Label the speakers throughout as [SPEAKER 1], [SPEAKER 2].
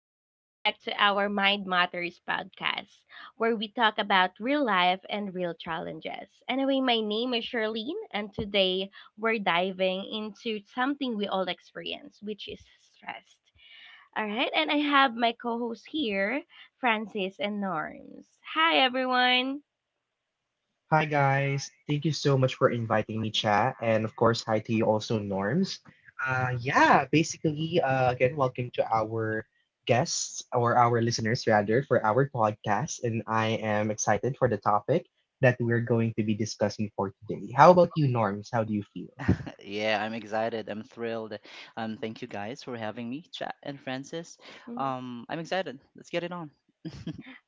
[SPEAKER 1] Welcome back to our Mind Matters podcast, where we talk about real life and real challenges. Anyway, my name is Charlene, and today we're diving into something we all experience, which is stress. All right, and I have my co hosts here, Francis and Norms. Hi, everyone.
[SPEAKER 2] Hi guys, thank you so much for inviting me, chat, and of course, hi to you also, Norms. Yeah, basically, again, welcome to our guests or our listeners rather for our podcast, and I am excited for the topic that we're going to be discussing for today. How about you, Norms? How do you feel?
[SPEAKER 3] Yeah, I'm excited. I'm thrilled. Thank you guys for having me, Chat and Francis.
[SPEAKER 1] Mm-hmm.
[SPEAKER 3] I'm excited. Let's get it on.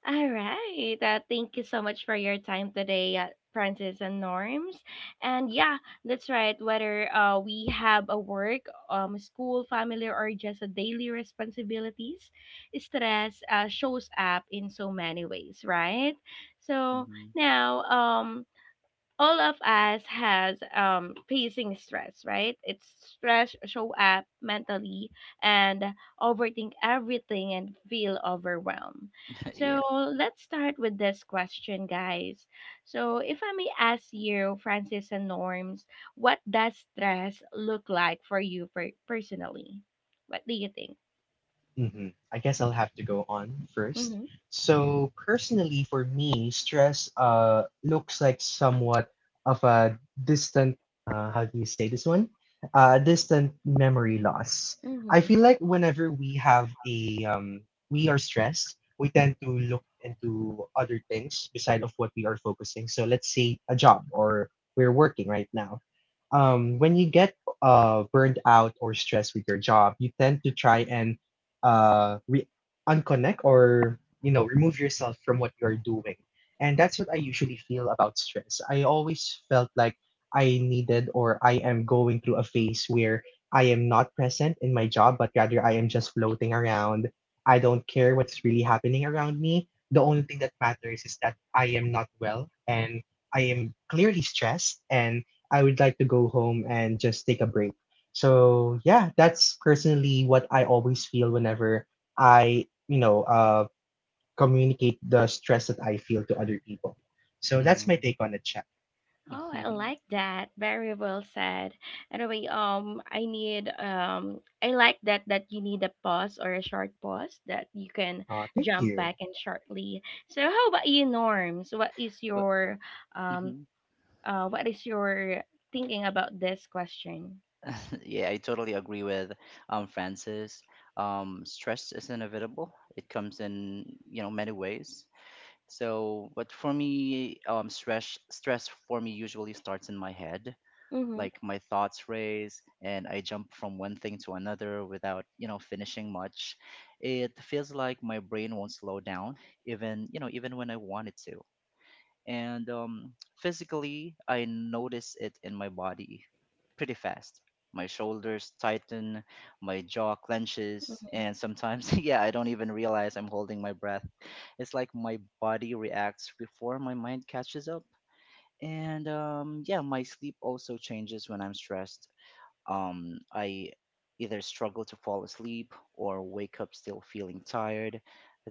[SPEAKER 1] All right. Thank you so much for your time today, Francis and Norms. And yeah, that's right. Whether we have a work, school, family, or just a daily responsibilities, stress shows up in so many ways, right? So
[SPEAKER 3] Mhm.
[SPEAKER 1] now, all of us has facing stress, right? It's stress show up mentally and overthink everything and feel overwhelmed. So
[SPEAKER 3] Yeah.
[SPEAKER 1] let's start with this question, guys. So if I may ask you, Francis and Norms, what does stress look like for you personally? What do you think?
[SPEAKER 2] I guess I'll have to go on first.
[SPEAKER 1] Mm-hmm.
[SPEAKER 2] So personally, for me, stress looks like somewhat of a distant how do you say this one? Distant memory loss. I
[SPEAKER 1] Mm-hmm.
[SPEAKER 2] feel like whenever we have a we are we tend to look into other things beside of what we are focusing. So let's say a job or we're working right now. When you get burned out or stressed with your job, you tend to try and uh, re- unconnect or remove yourself from what you're doing. And that's what I usually feel about stress. I always felt like I needed or I am going through a phase where I am not present in my job, but rather I am just floating around. I don't care what's really happening around me. The only thing that matters is that I am not well and I am clearly stressed and I would like to go home and just take a break. So, yeah, that's personally what I always feel whenever I, you know, uh, communicate the stress that I feel to other people. So that's my
[SPEAKER 3] Mm.
[SPEAKER 2] take on the chat.
[SPEAKER 1] Oh, I like that. Very well said. Anyway, I like that that you need a pause or a short pause that you can
[SPEAKER 2] Thank
[SPEAKER 1] jump back
[SPEAKER 2] you.
[SPEAKER 1] in shortly. So, how about you, Norms?
[SPEAKER 3] Uh,
[SPEAKER 1] Um,
[SPEAKER 3] mhm.
[SPEAKER 1] what is your thinking about this question?
[SPEAKER 3] Yeah, I totally agree with Francis. Stress is inevitable. It comes in, you know, many ways. So, but for me, stress for me usually starts in my head.
[SPEAKER 1] Mm-hmm.
[SPEAKER 3] Like my thoughts race and I jump from one thing to another without, you know, finishing much. It feels like my brain won't slow down even, you know, even when I want it to. And physically, I notice it in my body pretty fast. My shoulders tighten, my jaw clenches,
[SPEAKER 1] Mm-hmm.
[SPEAKER 3] and sometimes, yeah, I don't even realize I'm holding my breath. It's like my body reacts before my mind catches up. And yeah, my sleep also changes when I'm stressed. I either struggle to fall asleep or wake up still feeling tired.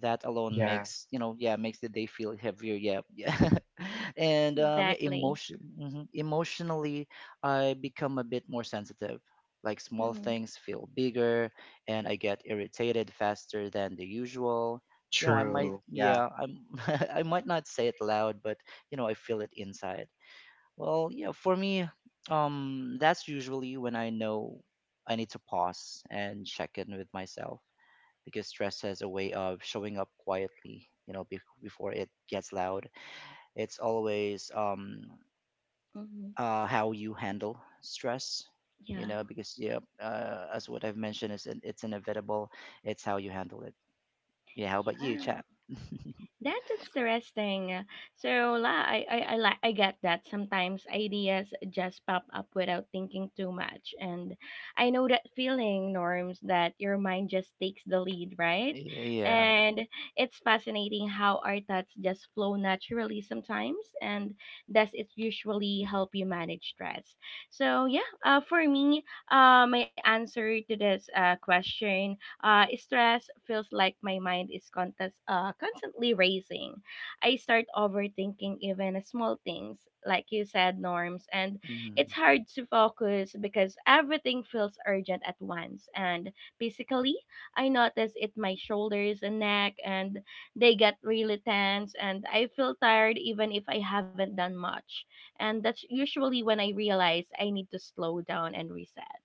[SPEAKER 3] That alone
[SPEAKER 2] Yeah,
[SPEAKER 3] makes, you know, yeah, makes the day feel heavier. Yeah, yeah. And
[SPEAKER 1] Exactly.
[SPEAKER 3] mhm. Emotionally, I become a bit more sensitive. Like small
[SPEAKER 1] Mm-hmm.
[SPEAKER 3] things feel bigger, and I get irritated faster than the usual. You know, I might,
[SPEAKER 2] true. Yeah.
[SPEAKER 3] yeah, I might not say it loud, but you know, I feel it inside. Well, yeah, for me, that's usually when I know I need to pause and check in with myself because stress has a way of showing up quietly, you know, before it gets loud. It's always
[SPEAKER 1] Mm-hmm.
[SPEAKER 3] how you handle stress, you
[SPEAKER 1] Yeah.
[SPEAKER 3] know, because yeah, as what I've mentioned, is it's inevitable. It's how you handle it. Yeah. How about you,
[SPEAKER 1] Yeah.
[SPEAKER 3] chat?
[SPEAKER 1] That's interesting. So la, I, li- I get that sometimes ideas just pop up without thinking too much, and I know that feeling, Norms, that your mind just takes the lead, right?
[SPEAKER 3] Yeah.
[SPEAKER 1] And it's fascinating how our thoughts just flow naturally sometimes, and does it usually help you manage stress? So yeah, for me, my answer to this question, stress feels like my mind is constantly racing. I start overthinking even small things, like you said, norms, and it's
[SPEAKER 3] Mm-hmm.
[SPEAKER 1] hard to focus because everything feels urgent at once. And physically, I notice it my shoulders and neck, and they get really tense, and I feel tired even if I haven't done much. And that's usually when I realize I need to slow down and reset.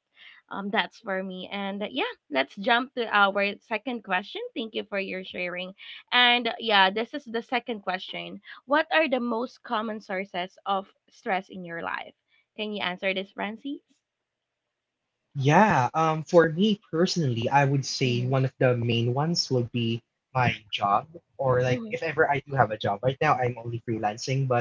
[SPEAKER 1] That's for me. And yeah, let's jump to our second question. Thank you for your sharing. And yeah, this is the second question. What are the most common sources of stress in your life? Can you answer this, Francis?
[SPEAKER 2] Yeah, for me personally, I would say
[SPEAKER 1] Mhm.
[SPEAKER 2] one of the main ones would be my job, or like
[SPEAKER 1] Mhm.
[SPEAKER 2] if ever I do have a job. Right now, I'm only freelancing, but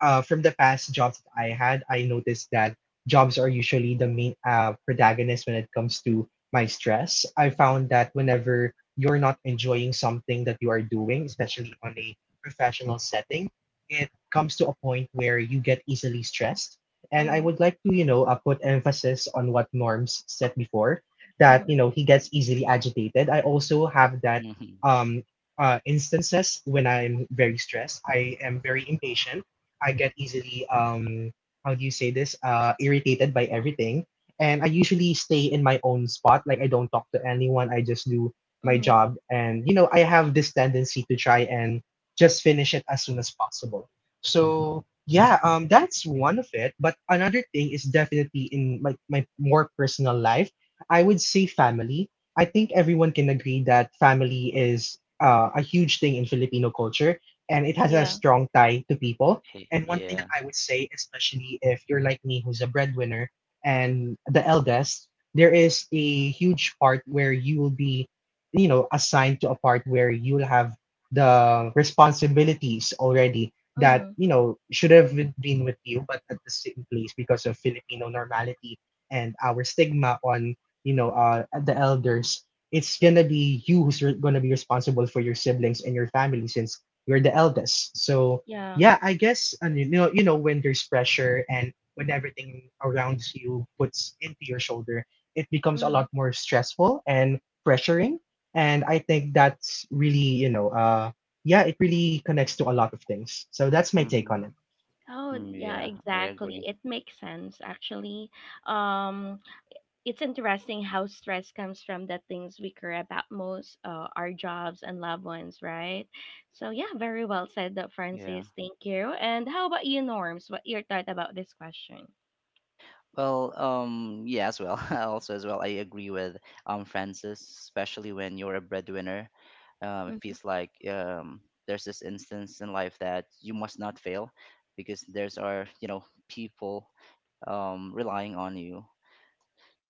[SPEAKER 2] from the past jobs that I had, I noticed that jobs are usually the main protagonist when it comes to my stress. I found that whenever you're not enjoying something that you are doing, especially on a professional setting, it comes to a point where you get easily stressed. And I
[SPEAKER 1] Mhm.
[SPEAKER 2] would like to put emphasis on what Norms said before that,
[SPEAKER 1] Mhm.
[SPEAKER 2] you know, he gets easily agitated. I also have that um, uh, instances when I'm very stressed. I am very impatient. I get easily how do you say this irritated by everything, and I usually stay in my own spot. Like I don't talk to anyone. I just do my
[SPEAKER 1] Mhm.
[SPEAKER 2] job, and I have this tendency to try and just finish it as soon as possible. So yeah, that's one of it. But another thing is definitely in like my more personal life. I would say family. I think everyone can agree that family is a huge thing in Filipino culture, and it has
[SPEAKER 1] Yeah.
[SPEAKER 2] a strong tie to people. And one thing
[SPEAKER 3] Yeah.
[SPEAKER 2] that I would say, especially if you're like me, who's a breadwinner and the eldest, there is a huge part where you will be assigned to a part where you will have the responsibilities already
[SPEAKER 1] Mhm.
[SPEAKER 2] that should have been with you, but at the same place because of Filipino normality and our stigma on the elders. It's gonna be you who's gonna be responsible for your siblings and your family since you're the eldest. So
[SPEAKER 1] Yeah.
[SPEAKER 2] yeah, I guess, and when there's pressure and when everything around you puts into your shoulder, it becomes a lot
[SPEAKER 1] Mhm.
[SPEAKER 2] more stressful and pressuring. And I think that's really, it really connects to a lot of things. So that's my take
[SPEAKER 3] Mm-hmm.
[SPEAKER 2] on it.
[SPEAKER 3] Yeah.
[SPEAKER 1] Oh,
[SPEAKER 3] Mm,
[SPEAKER 1] yeah,
[SPEAKER 3] yeah. I
[SPEAKER 1] exactly.
[SPEAKER 3] agree.
[SPEAKER 1] It makes sense actually. Um it's interesting how stress comes from the things we care about most, our jobs and loved ones, right? So yeah, very well said, Dr.
[SPEAKER 3] Yeah.
[SPEAKER 1] Francis. Thank you. And how about you, Norms? What your thought about this question?
[SPEAKER 3] Well, yeah, as well. Also, as well, I agree with Francis, especially when you're a breadwinner. It
[SPEAKER 1] Mm-hmm.
[SPEAKER 3] feels like there's this instance in life that you must not fail because there's are you know people relying on you.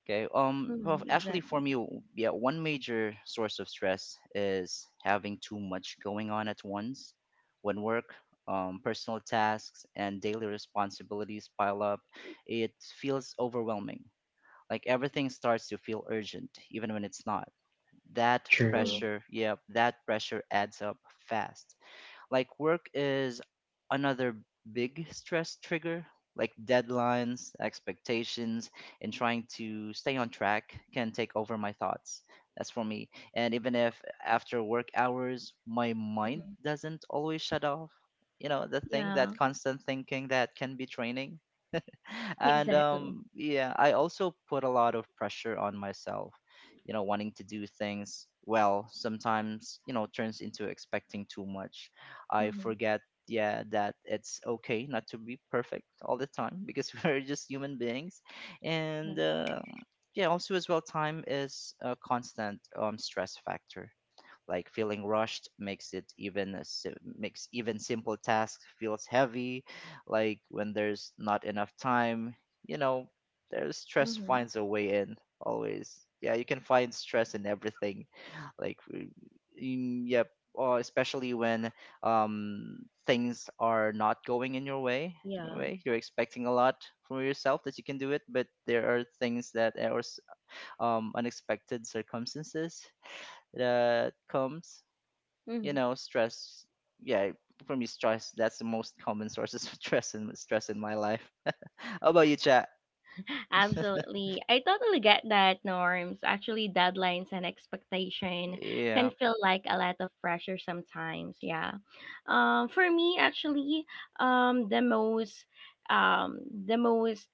[SPEAKER 3] Okay.
[SPEAKER 1] Mm-hmm.
[SPEAKER 3] Well, actually,
[SPEAKER 1] Exactly.
[SPEAKER 3] for me, yeah, one major source of stress is having too much going on at once. When work, personal tasks, and daily responsibilities pile up, it feels overwhelming like everything starts to feel urgent, even when it's not.
[SPEAKER 1] Mm-hmm.
[SPEAKER 2] True.
[SPEAKER 3] Yep, that pressure adds up fast. Like work is another big stress trigger. Like deadlines, expectations, and trying to stay on track can take over my thoughts. That's for me. And even if after work hours, my mind doesn't always shut off, you know, the thing,
[SPEAKER 1] Yeah.
[SPEAKER 3] that constant thinking that can be draining. And
[SPEAKER 1] Exactly.
[SPEAKER 3] yeah, I also put a lot of pressure on myself, you know, wanting to do things well sometimes, you know, turns into expecting too much. I
[SPEAKER 1] Mm-hmm.
[SPEAKER 3] forget, yeah, that it's okay not to be perfect all the time because we're just human beings.
[SPEAKER 1] Yeah.
[SPEAKER 3] And yeah, also as well, time is a constant stress factor. Like feeling rushed makes it even a si- makes even simple tasks feels heavy. Like when there's not enough time, you know, there's stress
[SPEAKER 1] Mm-hmm.
[SPEAKER 3] finds a way in always. Yeah, you can find stress in everything. Like, yep. Or especially when things are not going in your way your
[SPEAKER 1] Yeah.
[SPEAKER 3] way you're expecting a lot from yourself that you can do it, but there are things that are unexpected circumstances that comes, you
[SPEAKER 1] Mm-hmm.
[SPEAKER 3] know, stress. Yeah, for me, stress that's the most common sources of stress in my life. How about you, chat?
[SPEAKER 1] Absolutely. I totally get that norms, actually deadlines and expectation
[SPEAKER 3] Yeah.
[SPEAKER 1] can feel like a lot of pressure sometimes. Yeah. For me actually, um the most um the most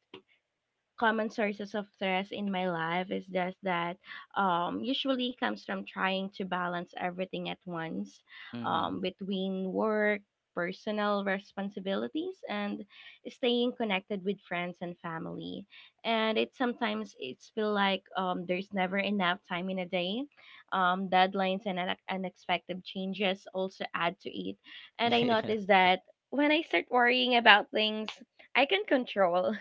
[SPEAKER 1] common sources of stress in my life is just that usually comes from trying to balance everything at once,
[SPEAKER 3] Mm-hmm.
[SPEAKER 1] between work, personal responsibilities, and staying connected with friends and family. And it sometimes it's feel like there's never enough time in a day. Deadlines and unexpected changes also add to it. And I noticed that when I start worrying about things I can control.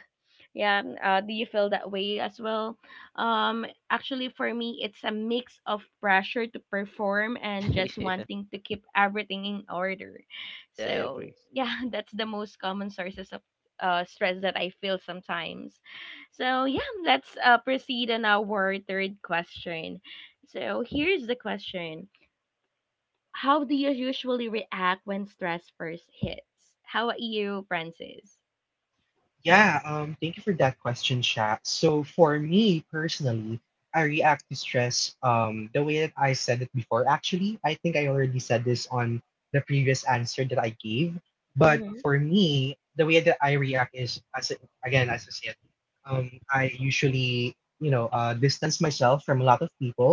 [SPEAKER 1] Yeah, do you feel that way as well? Actually, for me, it's a mix of pressure to perform and just
[SPEAKER 3] Yeah.
[SPEAKER 1] wanting to keep everything in order.
[SPEAKER 3] Yeah, I
[SPEAKER 1] So,
[SPEAKER 3] agree.
[SPEAKER 1] yeah, that's the most common sources of stress that I feel sometimes. So, yeah, let's proceed on our third question. So, here's the question. How do you usually react when stress first hits? How about you, Francis?
[SPEAKER 2] Yeah, thank you for that question, Sha. So for me personally, I react to stress the way that I said it before. Actually, I think I already said this on the previous answer that I gave. But
[SPEAKER 1] Mm-hmm.
[SPEAKER 2] for me, the way that I react is again as I said, I usually distance myself from a lot of people.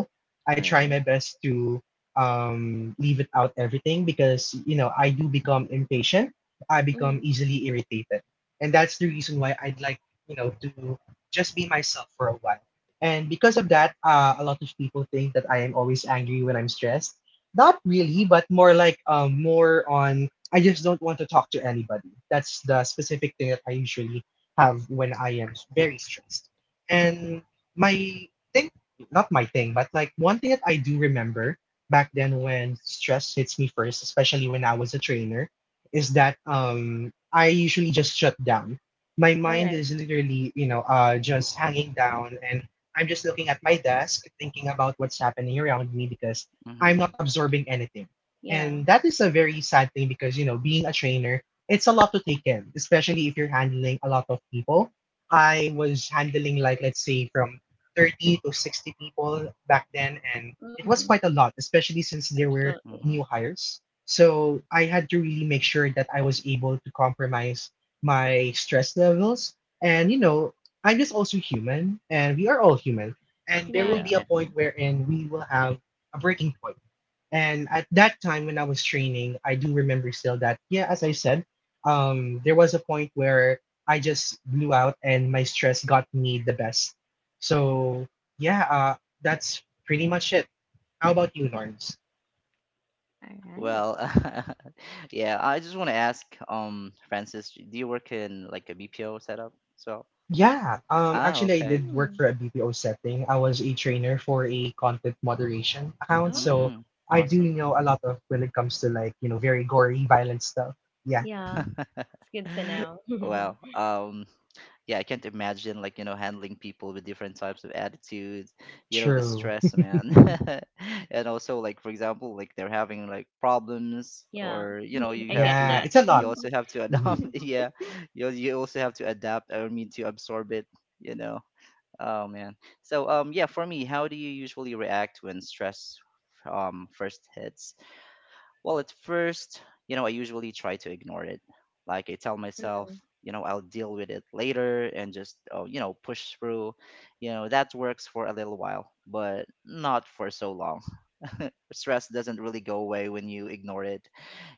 [SPEAKER 2] I
[SPEAKER 1] All
[SPEAKER 2] try my
[SPEAKER 1] right.
[SPEAKER 2] best to leave it out everything because I do become impatient. I become
[SPEAKER 1] Mm-hmm.
[SPEAKER 2] easily irritated, and that's the reason why I'd like to just be myself for a while. And because of that, a lot of people think that I am always angry when I'm stressed. Not really, but more like more on I just don't want to talk to anybody. That's the specific thing that I usually have when I am very stressed. And my thing, not my thing, but like one thing that I do remember back then when stress hits me first, especially when I was a trainer, is that I usually just shut down. My mind is literally, just hanging down, and I'm just looking at my desk, thinking about what's happening around me because I'm not
[SPEAKER 3] Mm-hmm.
[SPEAKER 2] absorbing anything.
[SPEAKER 1] Yeah.
[SPEAKER 2] And that is a very sad thing because being a trainer, it's a lot to take in, especially if you're handling a lot of people. I was handling, like, let's say from 30 to 60 people back then, and it was
[SPEAKER 1] Mm-hmm.
[SPEAKER 2] quite a lot, especially since there were
[SPEAKER 1] Absolutely.
[SPEAKER 2] new
[SPEAKER 3] Mm-hmm.
[SPEAKER 2] hires. So I had to really make sure that I was able to compromise my stress levels. And, I'm just also human and we are all human. And there
[SPEAKER 1] Yeah,
[SPEAKER 2] will
[SPEAKER 3] Yeah.
[SPEAKER 2] be a
[SPEAKER 1] exactly.
[SPEAKER 2] point wherein we will have a breaking point. And at that time when I was training, I do remember still that, as I said, there was a point where I just blew out and my stress got me the best. So, yeah, that's pretty much it. How about you, Norms?
[SPEAKER 1] All right.
[SPEAKER 3] Well, yeah, I just want to ask Francis, do you work in like a BPO setup? So
[SPEAKER 2] Yeah,
[SPEAKER 3] ah,
[SPEAKER 2] actually, I
[SPEAKER 3] okay.
[SPEAKER 2] did work
[SPEAKER 1] Mm.
[SPEAKER 2] for a BPO setting. I was a trainer for a content moderation account,
[SPEAKER 1] Oh,
[SPEAKER 2] so
[SPEAKER 3] Mm,
[SPEAKER 2] I do
[SPEAKER 3] awesome.
[SPEAKER 2] know a lot of when it comes to like very gory, violent stuff. Yeah,
[SPEAKER 1] yeah. It's good to know.
[SPEAKER 3] Well, yeah, I can't imagine like, you know, handling people with different types of attitudes, you know, the
[SPEAKER 2] true.
[SPEAKER 3] stress, man. And also like for example, like they're having like problems
[SPEAKER 1] Yeah,
[SPEAKER 3] or you know, you
[SPEAKER 1] I
[SPEAKER 3] have
[SPEAKER 1] get
[SPEAKER 2] Yeah,
[SPEAKER 3] to
[SPEAKER 1] that.
[SPEAKER 2] it's a
[SPEAKER 3] you
[SPEAKER 2] lot.
[SPEAKER 3] also have to adapt.
[SPEAKER 2] Mhm.
[SPEAKER 3] Yeah. You also have to adapt, I mean to absorb it, you know. Oh man. So yeah, for me, how do you usually react when stress first hits? Well, at first, you know, I usually try to ignore it. Like I tell myself,
[SPEAKER 1] Mm.
[SPEAKER 3] you know, I'll deal with it later and just, oh, you know, push through. You know, that works for a little while, but not for so long. Stress doesn't really go away when you ignore it.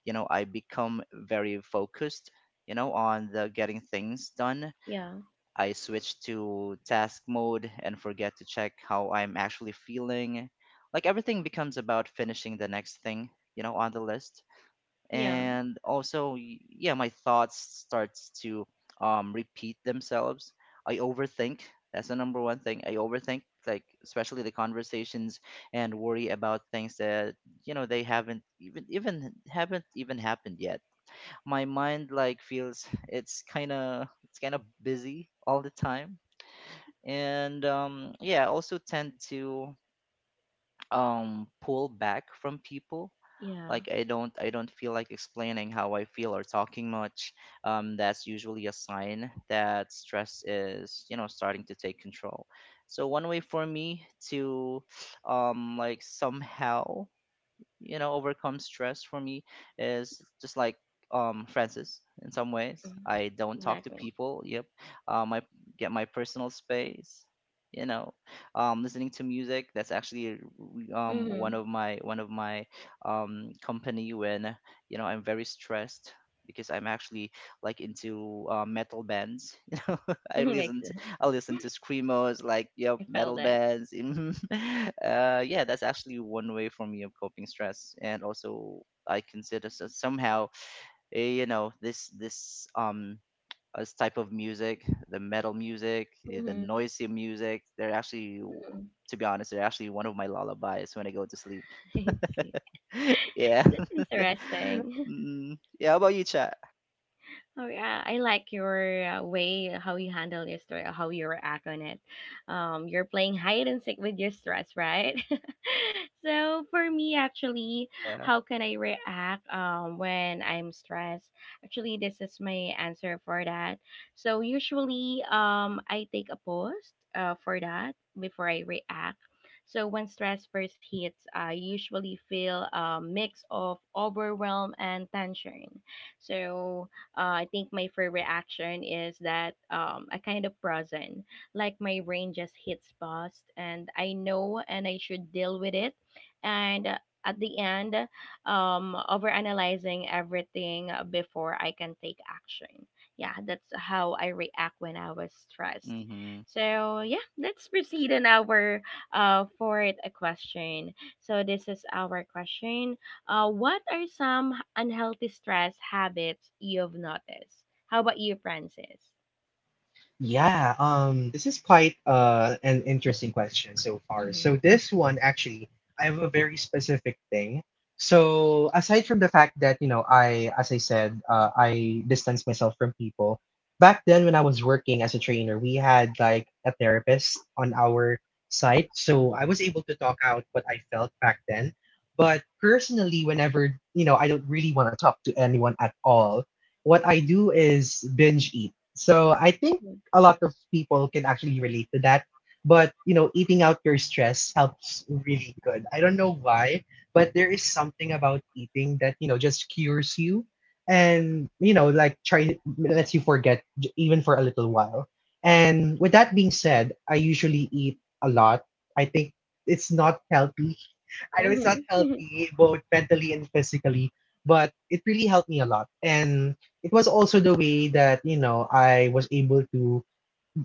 [SPEAKER 3] You know, I become very focused, you know, on the getting things done.
[SPEAKER 1] Yeah,
[SPEAKER 3] I switch to task mode and forget to check how I'm actually feeling. Like everything becomes about finishing the next thing, you know, on the list.
[SPEAKER 1] yeah,
[SPEAKER 3] And also yeah, my thoughts starts to repeat themselves. I overthink, that's the number one thing, I overthink, like especially the conversations, and worry about things that, you know, they haven't even happened yet. My mind like feels it's kind of busy all the time. And yeah, I also tend to pull back from people.
[SPEAKER 1] yeah.
[SPEAKER 3] Like I don't feel like explaining how I feel or talking much. That's usually a sign that stress is, you know, starting to take control. So one way for me to like somehow, you know, overcome stress for me is just like Francis, in some ways
[SPEAKER 1] Mm.
[SPEAKER 3] I don't talk to
[SPEAKER 1] Exactly.
[SPEAKER 3] people. Yep. I get my personal space, you know. Listening to music, that's actually um
[SPEAKER 1] Mm-hmm.
[SPEAKER 3] one of my one of my um company when, you know, I'm very stressed, because I'm actually like into metal bands. You know, I listen, I listen to screamos, like yep,
[SPEAKER 1] I felt
[SPEAKER 3] metal
[SPEAKER 1] that.
[SPEAKER 3] bands. Mhm. Yeah, that's actually one way for me of coping stress, and also I consider so somehow, you know, this type of music, the metal music, the
[SPEAKER 1] Mm-hmm.
[SPEAKER 3] noisy music. They're actually, to be honest, they're actually one of my lullabies when I go to sleep.
[SPEAKER 1] I see.
[SPEAKER 3] Yeah.
[SPEAKER 1] That's interesting.
[SPEAKER 3] Mm, yeah. How about you, chat?
[SPEAKER 1] Oh yeah, I like your way, how you handle your story, how you react on it. You're playing hide and seek with your stress, right? So for me, actually,
[SPEAKER 3] Yeah.
[SPEAKER 1] how can I react when I'm stressed? Actually, this is my answer for that. So usually, I take a pause for that before I react. So when stress first hits, I usually feel a mix of overwhelm and tension. So I think my first reaction is that I kind of frozen, like my brain just hits pause, and I know and I should deal with it. And at the end, overanalyzing everything before I can take action. Yeah, that's how I react when I was stressed.
[SPEAKER 3] Mm-hmm.
[SPEAKER 1] So yeah, let's proceed on our fourth question. So this is our question. What are some unhealthy stress habits you've noticed? How about you, Francis?
[SPEAKER 2] Yeah, this is quite an interesting question so far.
[SPEAKER 1] Mm-hmm.
[SPEAKER 2] So this one actually, I have a very specific thing. So aside from the fact that I, as I said, I distance myself from people. Back then when I was working as a trainer, we had like a therapist on our site. So I was able to talk out what I felt back then. But personally, whenever I don't really want to talk to anyone at all, what I do is binge eat. So I think a lot of people can actually relate to that. But eating out your stress helps really good. I don't know why, but there is something about eating that just cures you, and like try lets you forget even for a little while. And with that being said, I usually eat a lot. I think it's not healthy. I know it's not
[SPEAKER 1] Mm-hmm.
[SPEAKER 2] healthy both mentally and physically, but it really helped me a lot. And it was also the way that I was able to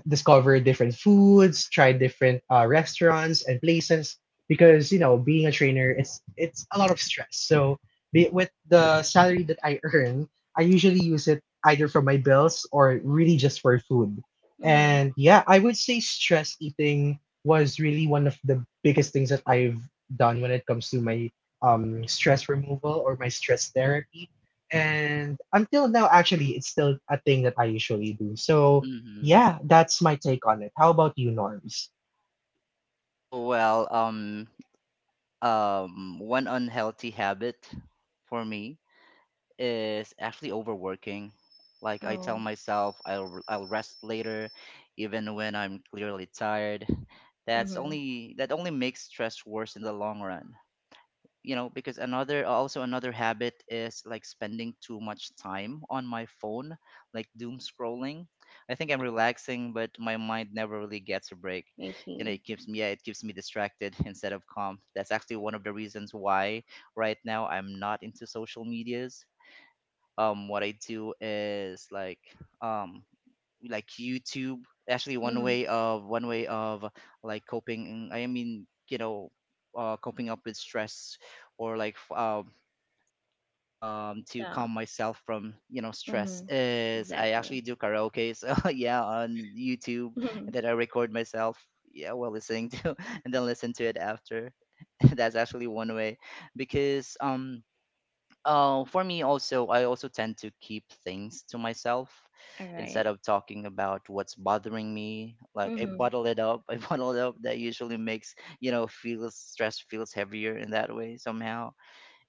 [SPEAKER 2] discover different foods, try different restaurants and places because being a trainer it's a lot of stress. So with the salary that I earn, I usually use it either for my bills or really just for food.
[SPEAKER 1] Mm-hmm.
[SPEAKER 2] And yeah, I would say stress eating was really one of the biggest things that I've done when it comes to my stress removal or my stress therapy. And until now, actually, it's still a thing that I usually do. So
[SPEAKER 3] Mm-hmm.
[SPEAKER 2] yeah, that's my take on it. How about you, Norms?
[SPEAKER 3] Oh well. One unhealthy habit for me is actually overworking, like I tell
[SPEAKER 1] Oh.
[SPEAKER 3] myself I'll rest later, even when I'm clearly tired. that's
[SPEAKER 1] Mm-hmm.
[SPEAKER 3] only that only makes stress worse in the long run, you know. Because another habit is like spending too much time on my phone, like doom scrolling. I think I'm relaxing, but my mind never really gets a break,
[SPEAKER 1] I
[SPEAKER 3] you know.
[SPEAKER 1] see.
[SPEAKER 3] It keeps me yeah, it keeps me distracted instead of calm. That's actually one of the reasons why right now I'm not into social medias. What I do is um like YouTube. Actually, one
[SPEAKER 1] Mm-hmm.
[SPEAKER 3] way of one way of like coping, I mean, you know, coping up with stress, or like to
[SPEAKER 1] Yeah.
[SPEAKER 3] calm myself from, you know, stress,
[SPEAKER 1] Mm-hmm.
[SPEAKER 3] is I
[SPEAKER 1] Exactly.
[SPEAKER 3] actually do karaoke. So yeah, on YouTube,
[SPEAKER 1] Mm-hmm.
[SPEAKER 3] and then I record myself. Yeah, while listening to, and then listen to it after. That's actually one way, because for me also, I also tend to keep things to myself
[SPEAKER 1] All right.
[SPEAKER 3] instead of talking about what's bothering me. Like I
[SPEAKER 1] Mm-hmm.
[SPEAKER 3] bottle it up, I bottle it up. That usually makes, you know, feels stress feels heavier in that way somehow.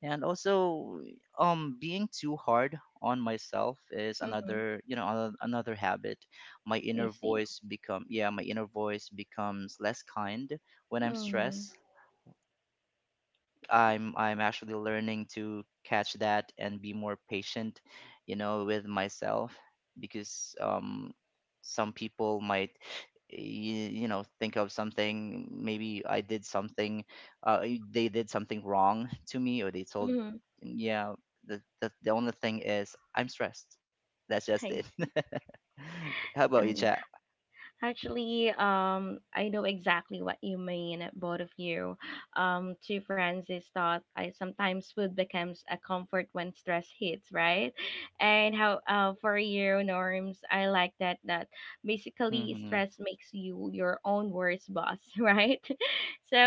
[SPEAKER 3] And also, being too hard on myself is
[SPEAKER 1] Mm-hmm.
[SPEAKER 3] another, you know, another habit. My
[SPEAKER 1] I
[SPEAKER 3] inner
[SPEAKER 1] see.
[SPEAKER 3] voice become, yeah, my inner voice becomes less kind when I'm
[SPEAKER 1] Mm-hmm.
[SPEAKER 3] stressed. Like
[SPEAKER 1] I
[SPEAKER 3] I'm actually learning to catch that and be more patient, you know, with myself. Because some people might you, you know, think of something, maybe I did something, they did something wrong to me or they
[SPEAKER 1] see.
[SPEAKER 3] told,
[SPEAKER 1] Mm-hmm.
[SPEAKER 3] yeah, the only thing is I'm stressed, that's
[SPEAKER 1] I
[SPEAKER 3] just it.
[SPEAKER 1] see.
[SPEAKER 3] How about you,
[SPEAKER 1] Uh-huh.
[SPEAKER 3] chat?
[SPEAKER 1] Actually, I know exactly what you mean, both of you. To Francis thought I sometimes food becomes a comfort when stress hits, right? And how for you, Norms, I like that that basically
[SPEAKER 3] Hmm.
[SPEAKER 1] stress makes you your own worst boss, right?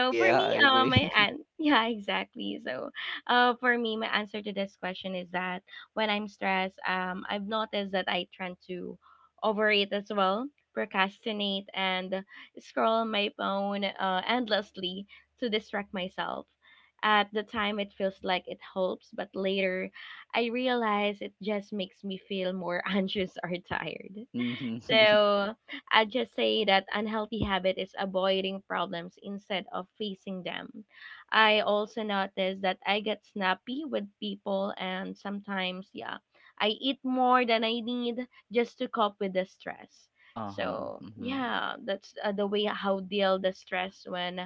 [SPEAKER 3] Oh
[SPEAKER 1] for
[SPEAKER 3] yeah, I
[SPEAKER 1] me,
[SPEAKER 3] agree.
[SPEAKER 1] yeah, exactly. So, for me, my answer to this question is that when I'm stressed, I've noticed that I tend to overeat as well, procrastinate, and scroll my phone endlessly to distract myself. At the time, it feels like it helps, but later, I realize it just makes me feel more anxious or tired.
[SPEAKER 3] Hmm.
[SPEAKER 1] So, I just say that unhealthy habit is avoiding problems instead of facing them. I also notice that I get snappy with people, and sometimes, yeah, I eat more than I need just to cope with the stress.
[SPEAKER 3] Uh-huh.
[SPEAKER 1] So yeah, that's the way how deal the stress when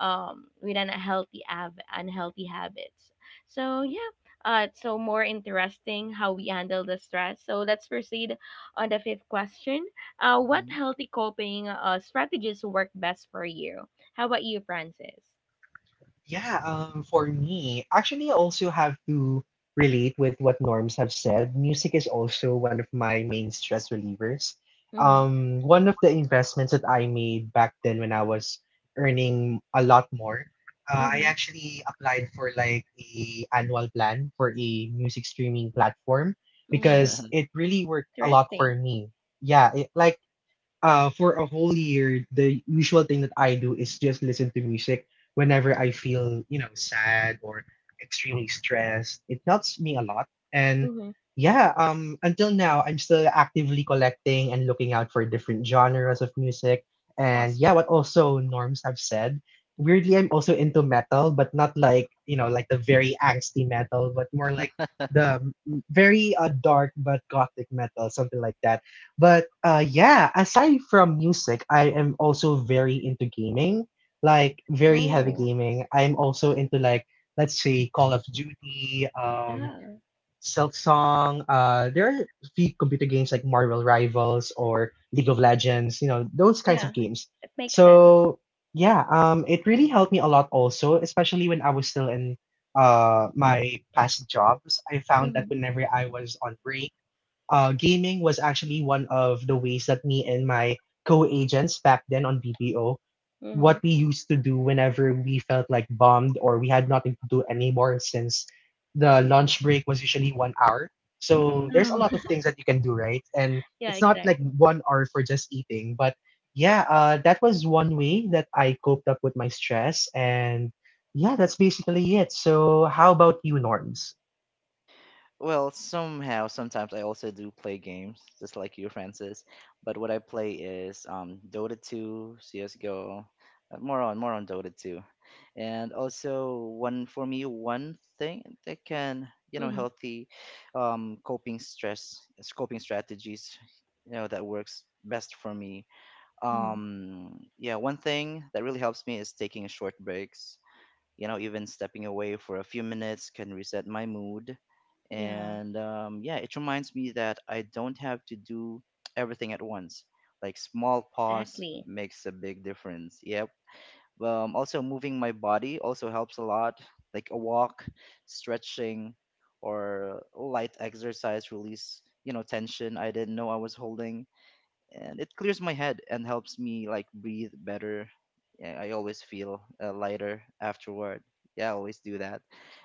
[SPEAKER 1] with unhealthy habits. So yeah, so more interesting how we handle the stress. So let's proceed on the fifth question. Uh, what
[SPEAKER 3] Hmm.
[SPEAKER 1] healthy coping strategies work best for you? How about you, Francis?
[SPEAKER 2] Yeah, for me, actually, I also have to relate with what Norms have said. Music is also one of my main stress relievers.
[SPEAKER 1] Mhm.
[SPEAKER 2] One of the investments that I made back then when I was earning a lot more, I
[SPEAKER 1] Mhm.
[SPEAKER 2] actually applied for like a annual plan for a music streaming platform
[SPEAKER 1] Mm.
[SPEAKER 2] because it really worked a lot for
[SPEAKER 1] Interesting.
[SPEAKER 2] me. Yeah, it, like for a whole year, the usual thing that I do is just listen to music whenever I feel sad or extremely stressed. It helps me a lot. And
[SPEAKER 1] Mhm.
[SPEAKER 2] yeah, until now, I'm still actively collecting and looking out for different genres of music. And
[SPEAKER 3] Awesome.
[SPEAKER 2] yeah, what also Norms have said. Weirdly, I'm also into metal, but not like, like the very angsty metal, but more like the very dark but gothic metal, something like that, but aside from music, I am also very into gaming, like very heavy
[SPEAKER 1] Oh.
[SPEAKER 2] gaming. I'm also into like let's say Call of Duty,
[SPEAKER 1] Yeah.
[SPEAKER 2] Silksong. There are a few computer games like Marvel Rivals or League of Legends. You know those kinds
[SPEAKER 1] Yeah.
[SPEAKER 2] of games.
[SPEAKER 1] It makes sense.
[SPEAKER 2] So yeah, it really helped me a lot also, especially when I was still in my past jobs. I found that
[SPEAKER 1] Mhm.
[SPEAKER 2] whenever I was on break gaming was actually one of the ways that me and my co-agents back then on BPO,
[SPEAKER 1] Mhm.
[SPEAKER 2] what we used to do whenever we felt like bombed or we had nothing to do anymore since the lunch break was usually 1 hour. So
[SPEAKER 3] Hmm.
[SPEAKER 2] there's a
[SPEAKER 1] Oh.
[SPEAKER 2] lot of things that you can do, right? And
[SPEAKER 1] Yeah,
[SPEAKER 2] it's not like
[SPEAKER 1] exactly.
[SPEAKER 2] 1 hour for just eating, but yeah, that was one way that I coped up with my stress, and yeah, that's basically it. So how about you, Norms?
[SPEAKER 3] Well, somehow, sometimes I also do play games, just like you, Francis. But what I play is Dota 2, CS:GO, more on Dota 2, and also one for me, one thing that can, you know,
[SPEAKER 1] Mhm.
[SPEAKER 3] healthy um, coping stress coping strategies, you know, that works best for me.
[SPEAKER 1] Mhm.
[SPEAKER 3] Yeah, one thing that really helps me is taking short breaks. You know, even stepping away for a few minutes can reset my mood
[SPEAKER 1] Yeah.
[SPEAKER 3] and yeah, it reminds me that I don't have to do everything at once. Like small pause
[SPEAKER 1] Exactly.
[SPEAKER 3] makes a big difference. Yep. Also moving my body also helps a lot, like a walk, stretching, or light exercise release, you know, tension I didn't know I was holding, and it clears my head and helps me like breathe better. Yeah, I always feel lighter afterward. Yeah, I always do that.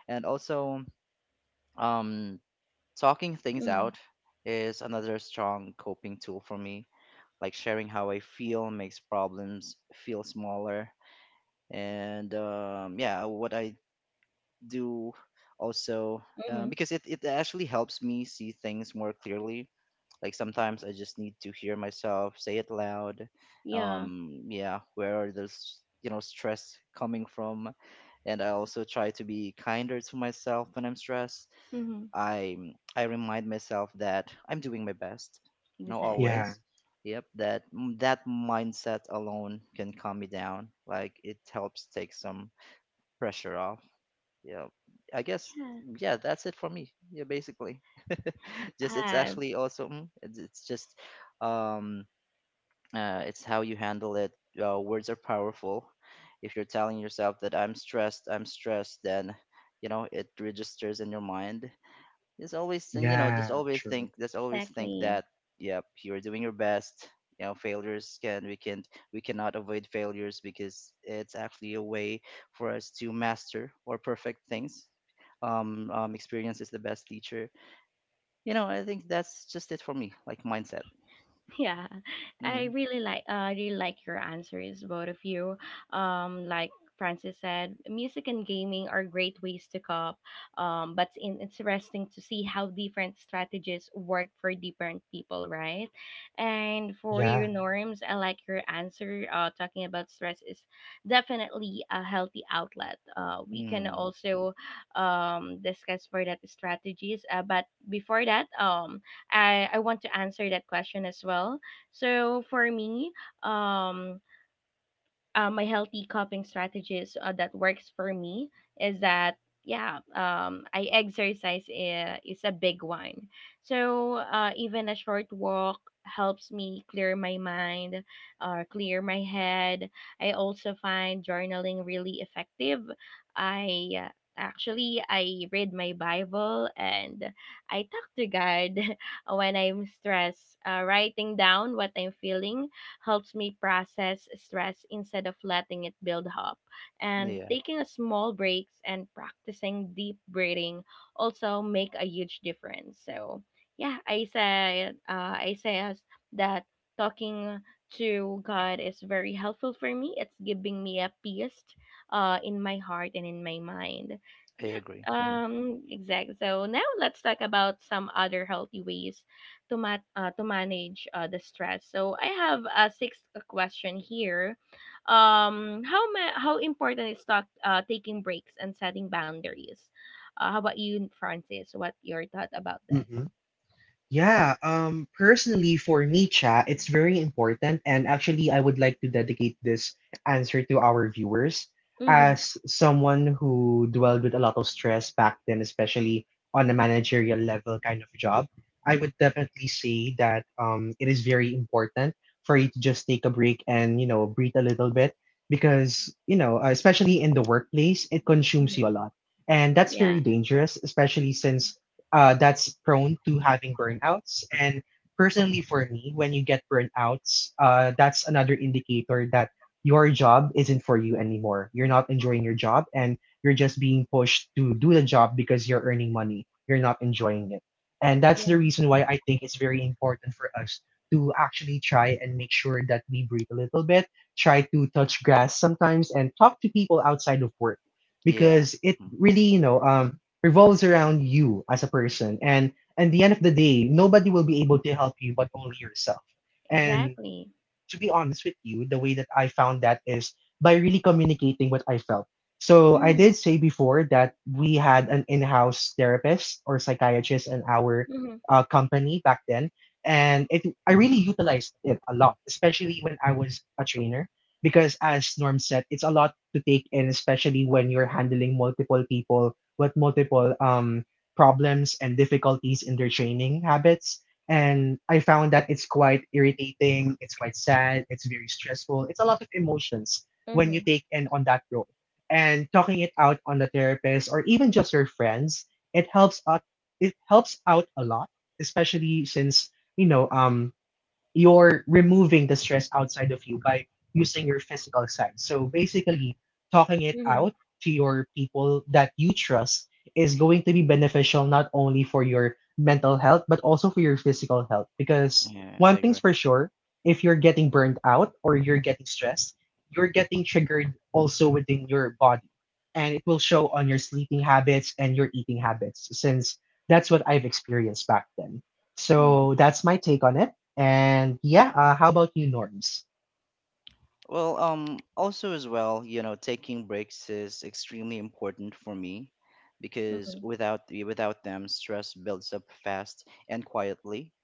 [SPEAKER 3] And also um talking things
[SPEAKER 1] Mm.
[SPEAKER 3] out is another strong coping tool for me. Like sharing how I feel makes problems feel smaller. And yeah, what I do also,
[SPEAKER 1] Mhm.
[SPEAKER 3] because it actually helps me see things more clearly. Like sometimes I just need to hear myself say it loud.
[SPEAKER 1] Yeah.
[SPEAKER 3] Yeah, where are those, you know, stress coming from? And I also try to be kinder to myself when I'm stressed.
[SPEAKER 1] Mhm.
[SPEAKER 3] I remind myself that I'm doing my best. You know,
[SPEAKER 1] Exactly.
[SPEAKER 2] Yeah,
[SPEAKER 3] always. Yep, that mindset alone can calm me down. Like it helps take some pressure off. Yeah, I guess,
[SPEAKER 1] Yeah.
[SPEAKER 3] yeah, that's it for me. Yeah, basically. Just it's
[SPEAKER 1] Uh,
[SPEAKER 3] actually also mm, it's just um it's how you handle it. Words are powerful. If you're telling yourself that I'm stressed, then you know it registers in your mind just always. And, you know,
[SPEAKER 2] yeah, true.
[SPEAKER 3] just always think
[SPEAKER 1] exactly.
[SPEAKER 3] that, yep, you're doing your best. You know, failures can we cannot avoid failures because it's actually a way for us to master or perfect things. Experience is the best teacher. You know, I think that's just it for me, like mindset.
[SPEAKER 1] Yeah, I
[SPEAKER 3] Mm-hmm.
[SPEAKER 1] really like your answers, both of you. Like Francis said, music and gaming are great ways to cope. But in, it's interesting to see how different strategies work for different people, right? And for your
[SPEAKER 2] Yeah.
[SPEAKER 1] norms, I like your answer. Talking about stress is definitely a healthy outlet. We can
[SPEAKER 3] Mm.
[SPEAKER 1] also discuss for that strategies. But before that, I want to answer that question as well. So for me, um, my healthy coping strategies that works for me is that yeah, I exercise is a big one. So even a short walk helps me clear my mind, clear my head. I also find journaling really effective. I Actually, I read my bible and I talk to god when I'm stressed. Writing down what I'm feeling helps me process stress instead of letting it build up. And
[SPEAKER 3] Yeah,
[SPEAKER 1] taking a small breaks and practicing deep breathing also make a huge difference. So yeah, I said that talking to God is very helpful for me. It's giving me a peace in my heart and in my mind.
[SPEAKER 3] I
[SPEAKER 1] Yeah,
[SPEAKER 3] agree. Hmm.
[SPEAKER 1] exactly. So now let's talk about some other healthy ways to manage the stress. So I have a sixth question here. How important is taking breaks and setting boundaries? How about you, Francis? What your thought about this?
[SPEAKER 2] Yeah, personally for me, Cha, it's very important. And actually, I would like to dedicate this answer to our viewers.
[SPEAKER 1] Mm-hmm.
[SPEAKER 2] As someone who dwelled with a lot of stress back then, especially on a managerial level kind of job, I would definitely say that it is very important for you to just take a break and, you know, breathe a little bit because, especially in the workplace, it
[SPEAKER 1] Hmm.
[SPEAKER 2] consumes you a lot. And that's
[SPEAKER 1] Yeah,
[SPEAKER 2] very dangerous, especially since that's prone to having burnouts. And personally, for me, when you get burnouts, that's another indicator that your job isn't for you anymore. You're not enjoying your job and you're just being pushed to do the job because you're earning money. You're not enjoying it. And that's the
[SPEAKER 1] yeah,
[SPEAKER 2] reason why I think it's very important for us to actually try and make sure that we breathe a little bit, try to touch grass sometimes, and talk to people outside of work
[SPEAKER 3] Yeah,
[SPEAKER 2] because it
[SPEAKER 3] mm,
[SPEAKER 2] really, revolves around you as a person. And at the end of the day, nobody will be able to help you but only yourself. And
[SPEAKER 1] exactly.
[SPEAKER 2] to be honest with you, the way that I found that is by really communicating what I felt. So I
[SPEAKER 1] Mm-hmm.
[SPEAKER 2] did say before that we had an in-house therapist or psychiatrist in our
[SPEAKER 1] Mm-hmm.
[SPEAKER 2] company back then, and it I really utilized it a lot, especially when I was a trainer, because as Norm said, it's a lot to take in, especially when you're handling multiple people with multiple problems and difficulties in their training habits. And I found that it's quite irritating, it's quite sad, it's very stressful. It's a lot of emotions when you
[SPEAKER 1] Mm-hmm.
[SPEAKER 2] take in on that role. And talking it out on the therapist or even just your friends, it helps out it helps out a lot, especially since, you know, you're removing the stress outside of you by using your physical side. So basically talking it
[SPEAKER 1] Mm-hmm.
[SPEAKER 2] out to your people that you trust is going to be beneficial not only for your mental health but also for your physical health because
[SPEAKER 3] yeah, I
[SPEAKER 2] one thing's
[SPEAKER 3] agree.
[SPEAKER 2] for sure if you're getting burned out or you're getting stressed you're getting triggered also within your body and it will show on your sleeping habits and your eating habits since that's what I've experienced back then. So
[SPEAKER 3] Mm-hmm.
[SPEAKER 2] that's my take on it. And yeah, how about you, Norms?
[SPEAKER 3] Well, also as well, you know, taking breaks is extremely important for me because
[SPEAKER 1] Hmm.
[SPEAKER 3] without the without them, stress builds up fast and quietly,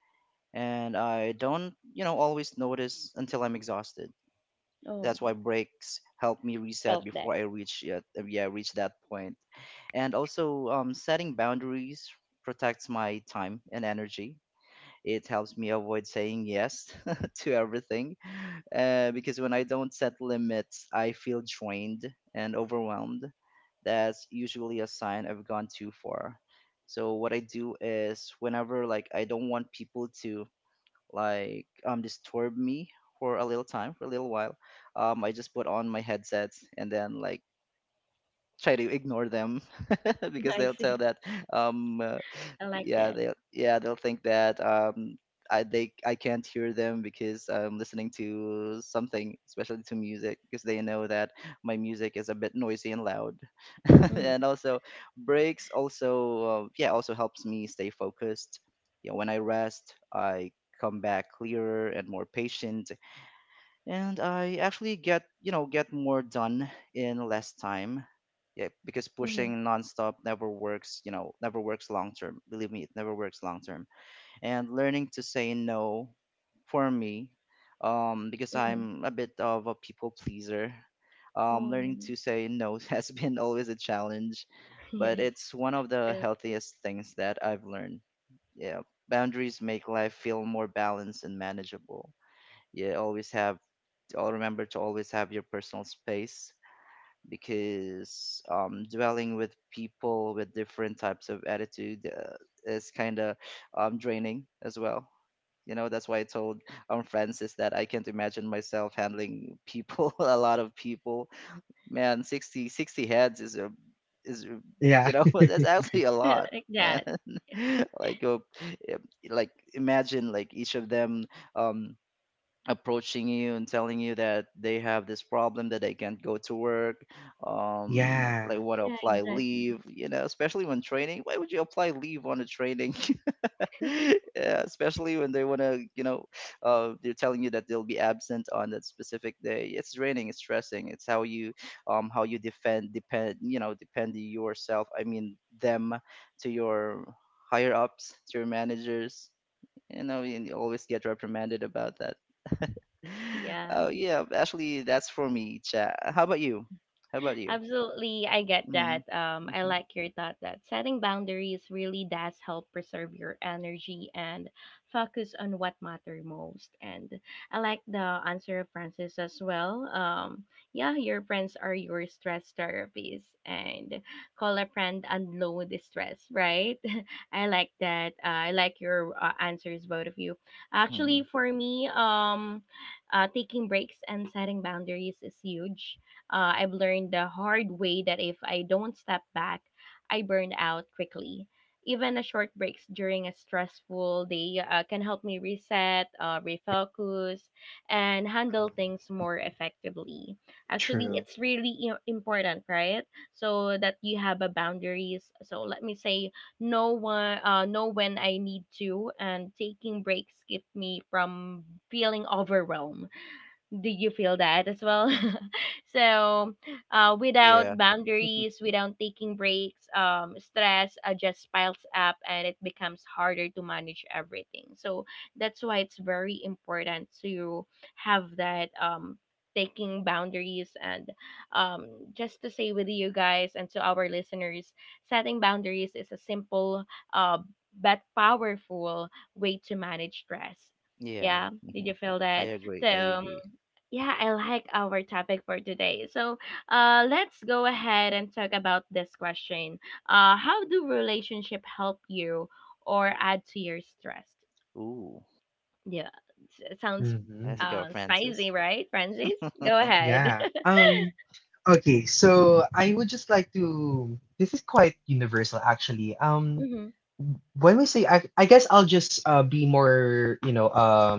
[SPEAKER 3] and I don't, you know, always notice until I'm exhausted. That's
[SPEAKER 1] Oh,
[SPEAKER 3] why breaks help me
[SPEAKER 1] I
[SPEAKER 3] reset
[SPEAKER 1] felt that.
[SPEAKER 3] before I reach yeah, yeah reach that point. And also setting boundaries protects my time and energy. It helps me avoid saying yes to everything, because when I don't set limits, I feel drained and overwhelmed. That's usually a sign I've gone too far. So what I do is whenever, like, I don't want people to like disturb me for a little time, for a little while, I just put on my headsets and then like try to ignore them. Because
[SPEAKER 1] I
[SPEAKER 3] they'll tell
[SPEAKER 1] see.
[SPEAKER 3] that um uh,
[SPEAKER 1] I like
[SPEAKER 3] yeah,
[SPEAKER 1] that.
[SPEAKER 3] they'll think that I they I can't hear them because I'm listening to something, especially to music, because they know that my music is a bit noisy and loud.
[SPEAKER 1] Mm-hmm.
[SPEAKER 3] And also breaks also yeah, also helps me stay focused. You know, when I rest I come back clearer and more patient, and I actually get, you know, get more done in less time. Yeah, because
[SPEAKER 1] Mm-hmm.
[SPEAKER 3] pushing nonstop never works. You know, never works long term. Believe me, it never works long term. And learning to say no, for me, because
[SPEAKER 1] Hmm.
[SPEAKER 3] I'm a bit of a people pleaser. Learning to
[SPEAKER 1] Oh,
[SPEAKER 3] say no has been always a challenge,
[SPEAKER 1] yeah,
[SPEAKER 3] but
[SPEAKER 1] I
[SPEAKER 3] it's one of the
[SPEAKER 1] felt
[SPEAKER 3] healthiest things that I've learned. Yeah, boundaries make life feel more balanced and manageable. You always have I'll remember to always have your personal space, because dwelling with people with different types of attitude is kind of draining as well. You know, that's why I told Francis that I can't imagine myself handling people, a lot of people. Man, sixty heads is is, a-
[SPEAKER 2] Yeah,
[SPEAKER 3] you know, that's actually a lot,
[SPEAKER 1] like
[SPEAKER 3] man.
[SPEAKER 1] that.
[SPEAKER 3] Like, like imagine like each of them um approaching you and telling you that they have this problem that they can't go to work,
[SPEAKER 2] yeah,
[SPEAKER 3] they want to
[SPEAKER 1] Yeah,
[SPEAKER 3] apply
[SPEAKER 1] exactly.
[SPEAKER 3] leave. You know, especially when training, why would you apply leave on a training? Yeah, especially when they want to, you know, they're telling you that they'll be absent on that specific day. It's draining, it's stressing, it's how you defend depend you know, depend yourself, I mean them, to your higher ups, to your managers, you know, and you always get reprimanded about that.
[SPEAKER 1] Yeah.
[SPEAKER 3] Oh yeah, actually that's for me, chat. How about you?
[SPEAKER 1] Absolutely, I get
[SPEAKER 3] Mm-hmm.
[SPEAKER 1] that. I
[SPEAKER 3] Mm-hmm.
[SPEAKER 1] like your thought that setting boundaries really does help preserve your energy and focus on what matter most. And I like the answer of Francis as well. Yeah, your friends are your stress therapists, and call a friend unload the stress, right? I like that. I like your answers, both of you. Actually,
[SPEAKER 3] Mm-hmm.
[SPEAKER 1] for me, taking breaks and setting boundaries is huge. I've learned the hard way that if I don't step back, I burn out quickly. Even a short breaks during a stressful day can help me reset, refocus, and handle things more effectively. Actually,
[SPEAKER 2] true.
[SPEAKER 1] it's really important, right? So that you have a boundaries. So let me say, know when I need to, and taking breaks keep me from feeling overwhelmed. Do you feel that as well? So without
[SPEAKER 3] Yeah.
[SPEAKER 1] boundaries, without taking breaks, stress just piles up and it becomes harder to manage everything. So that's why it's very important to have that, taking boundaries, and um, just to say with you guys and to our listeners, setting boundaries is a simple, uh, but powerful way to manage stress.
[SPEAKER 3] Yeah.
[SPEAKER 1] Yeah, did
[SPEAKER 3] Hmm.
[SPEAKER 1] you feel
[SPEAKER 3] I
[SPEAKER 1] that?
[SPEAKER 3] agree, I
[SPEAKER 1] So
[SPEAKER 3] agree.
[SPEAKER 1] yeah, I like our topic for today. So, let's go ahead and talk about this question. How do relationship help you or add to your stress?
[SPEAKER 3] Ooh,
[SPEAKER 1] Yeah, it sounds
[SPEAKER 2] Hmm.
[SPEAKER 3] that's a girl
[SPEAKER 1] spicy,
[SPEAKER 3] Francis.
[SPEAKER 1] right, Francis? Go
[SPEAKER 3] Hmm.
[SPEAKER 1] ahead.
[SPEAKER 2] Yeah, okay, so I would just like to. This is quite universal, actually.
[SPEAKER 1] Mm-hmm.
[SPEAKER 2] When we say, I guess I'll just be more, you know,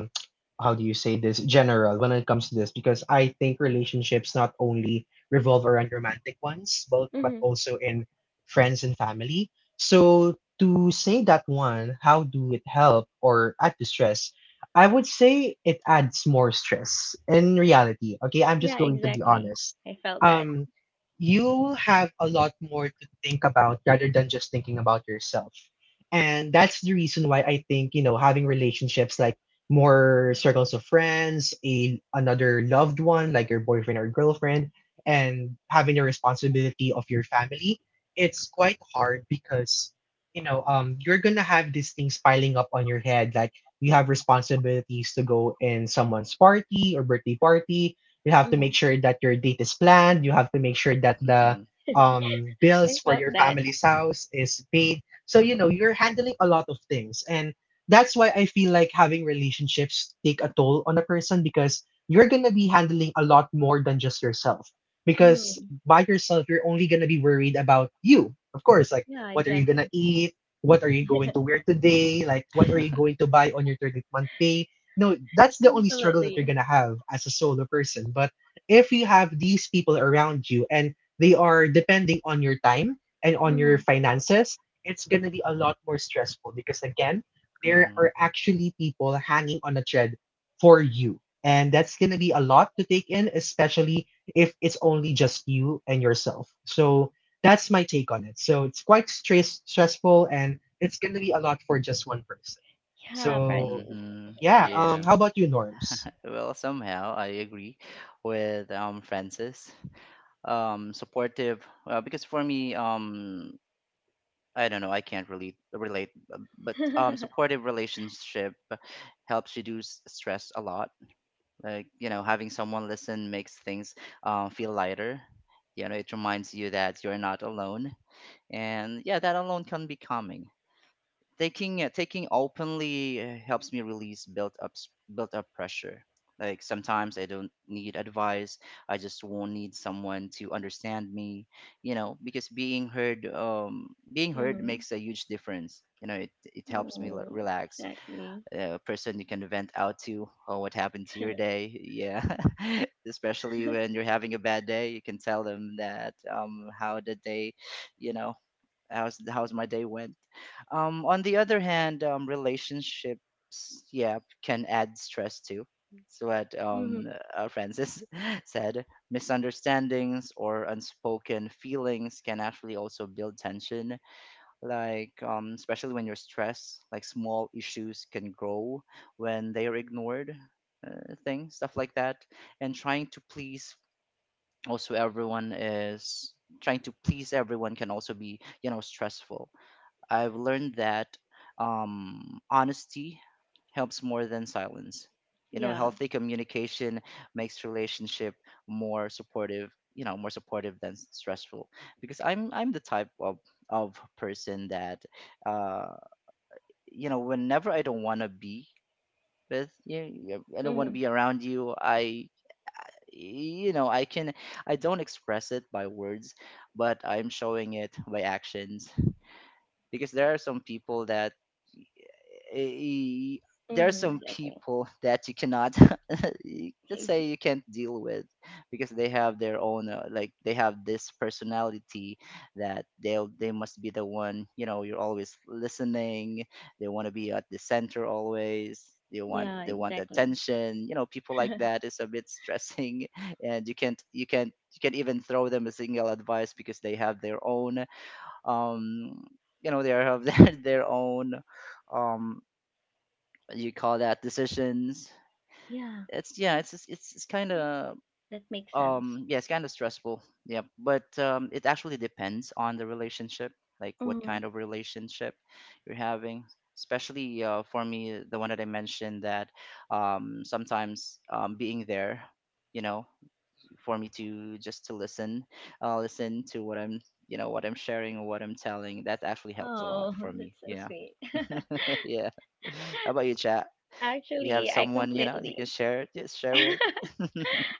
[SPEAKER 2] how do you say this, general when it comes to this, because I think relationships not only revolve around romantic ones, but
[SPEAKER 1] Mm-hmm.
[SPEAKER 2] also in friends and family. So to say that one, how do it help or at the I would say it adds more stress in reality. Okay, I'm
[SPEAKER 1] Yeah,
[SPEAKER 2] just going to be
[SPEAKER 1] exactly.
[SPEAKER 2] honest.
[SPEAKER 1] I felt that.
[SPEAKER 2] Um, you have a lot more to think about rather than just thinking about yourself. And that's the reason why I think, you know, having relationships like more circles of friends, a another loved one like your boyfriend or girlfriend, and having the responsibility of your family, it's quite hard because, you know, you're gonna have these things piling up on your head. Like we have responsibilities to go in someone's party or birthday party. You have to
[SPEAKER 1] Mm-hmm.
[SPEAKER 2] make sure that your date is planned. You have to make sure that the
[SPEAKER 1] I
[SPEAKER 2] bills for
[SPEAKER 1] felt
[SPEAKER 2] your
[SPEAKER 1] that.
[SPEAKER 2] family's house is paid. So, you know, you're handling a lot of things. And that's why I feel like having relationships take a toll on a person because you're going to be handling a lot more than just yourself. Because
[SPEAKER 1] Mm-hmm.
[SPEAKER 2] by yourself, you're only going to be worried about you. Of course, like,
[SPEAKER 1] Yeah,
[SPEAKER 2] what are you going to
[SPEAKER 1] exactly.
[SPEAKER 2] eat? What are you going to wear today? Like, what are you
[SPEAKER 3] Hmm.
[SPEAKER 2] going to buy on your 30th month pay? No, that's the only struggle that you're
[SPEAKER 1] Absolutely.
[SPEAKER 2] going to have as a solo person. But if you have these people around you and they are depending on your time and on
[SPEAKER 1] Mm-hmm.
[SPEAKER 2] your finances, it's going to be a lot more stressful because, again, there are actually people hanging on a thread for you. And that's going to be a lot to take in, especially if it's only just you and yourself. So, that's my take on it. So it's quite stressful and it's going to be a lot for just one person.
[SPEAKER 1] Yeah,
[SPEAKER 2] So
[SPEAKER 1] Francis.
[SPEAKER 3] Hmm.
[SPEAKER 2] yeah,
[SPEAKER 3] Yeah.
[SPEAKER 2] how about you, Norms?
[SPEAKER 3] Well, somehow I agree with Francis. Supportive. Because for me, I don't know, I can't really relate, but supportive relationship helps reduce stress a lot. Like, you know, having someone listen makes things feel lighter. You know, it reminds you that you're not alone, and yeah, that alone can be calming. Taking openly helps me release built up pressure. Like sometimes I don't need advice, I just won't need someone to understand me. You know, because being heard
[SPEAKER 1] Mm-hmm.
[SPEAKER 3] makes a huge difference. You know, it helps me
[SPEAKER 1] Mm.
[SPEAKER 3] relax.
[SPEAKER 1] Exactly.
[SPEAKER 3] A person you can vent out to. Oh, what happened to your day? Yeah. Especially when you're having a bad day, you can tell them that, how did they, you know, how's how's my day went. On the other hand, relationships, yeah, can add stress too. It's what
[SPEAKER 1] Mm-hmm.
[SPEAKER 3] Francis said. Misunderstandings or unspoken feelings can actually also build tension. Like, especially when you're stressed, like small issues can grow when they are ignored. Stuff like that, and also everyone is trying to please everyone can also be, you know, stressful. I've learned that honesty helps more than silence. You know,
[SPEAKER 1] Yeah.
[SPEAKER 3] healthy communication makes relationship more supportive. You know, more supportive than stressful. Because I'm the type of person that uh, you know, whenever I don't want to be with you, I don't want to
[SPEAKER 1] Mm-hmm.
[SPEAKER 3] be around you. I, you know, I don't express it by words, but I'm showing it by actions, because y- there are
[SPEAKER 1] Mm-hmm.
[SPEAKER 3] some
[SPEAKER 1] Exactly.
[SPEAKER 3] people that you cannot let's
[SPEAKER 1] Ex-
[SPEAKER 3] say you can't deal with, because they have their own like, they have this personality that they must be the one, you know, you're always listening. They want to be at the center always,
[SPEAKER 1] Yeah,
[SPEAKER 3] they want
[SPEAKER 1] exactly.
[SPEAKER 3] attention. You know, people like that is a bit stressing. And you can't even throw them a single advice because they have their own um you know, they have their own um you call that decisions.
[SPEAKER 1] Yeah,
[SPEAKER 3] It's it's it's kind of
[SPEAKER 1] that makes sense.
[SPEAKER 3] yeah, it's kind of stressful. Yeah, but it actually depends on the relationship, like what
[SPEAKER 1] Mm.
[SPEAKER 3] kind of relationship you're having. Especially for me the one that I mentioned that sometimes being there, you know, for me to just to listen, listen to what I'm, you know, what I'm sharing or what I'm telling. That actually helps a lot
[SPEAKER 1] Oh,
[SPEAKER 3] for me.
[SPEAKER 1] that's so
[SPEAKER 3] Yeah.
[SPEAKER 1] sweet.
[SPEAKER 3] Yeah. How about you, chat? You have
[SPEAKER 1] Actually, I
[SPEAKER 3] someone you know that you
[SPEAKER 1] completely
[SPEAKER 3] can share, just share with.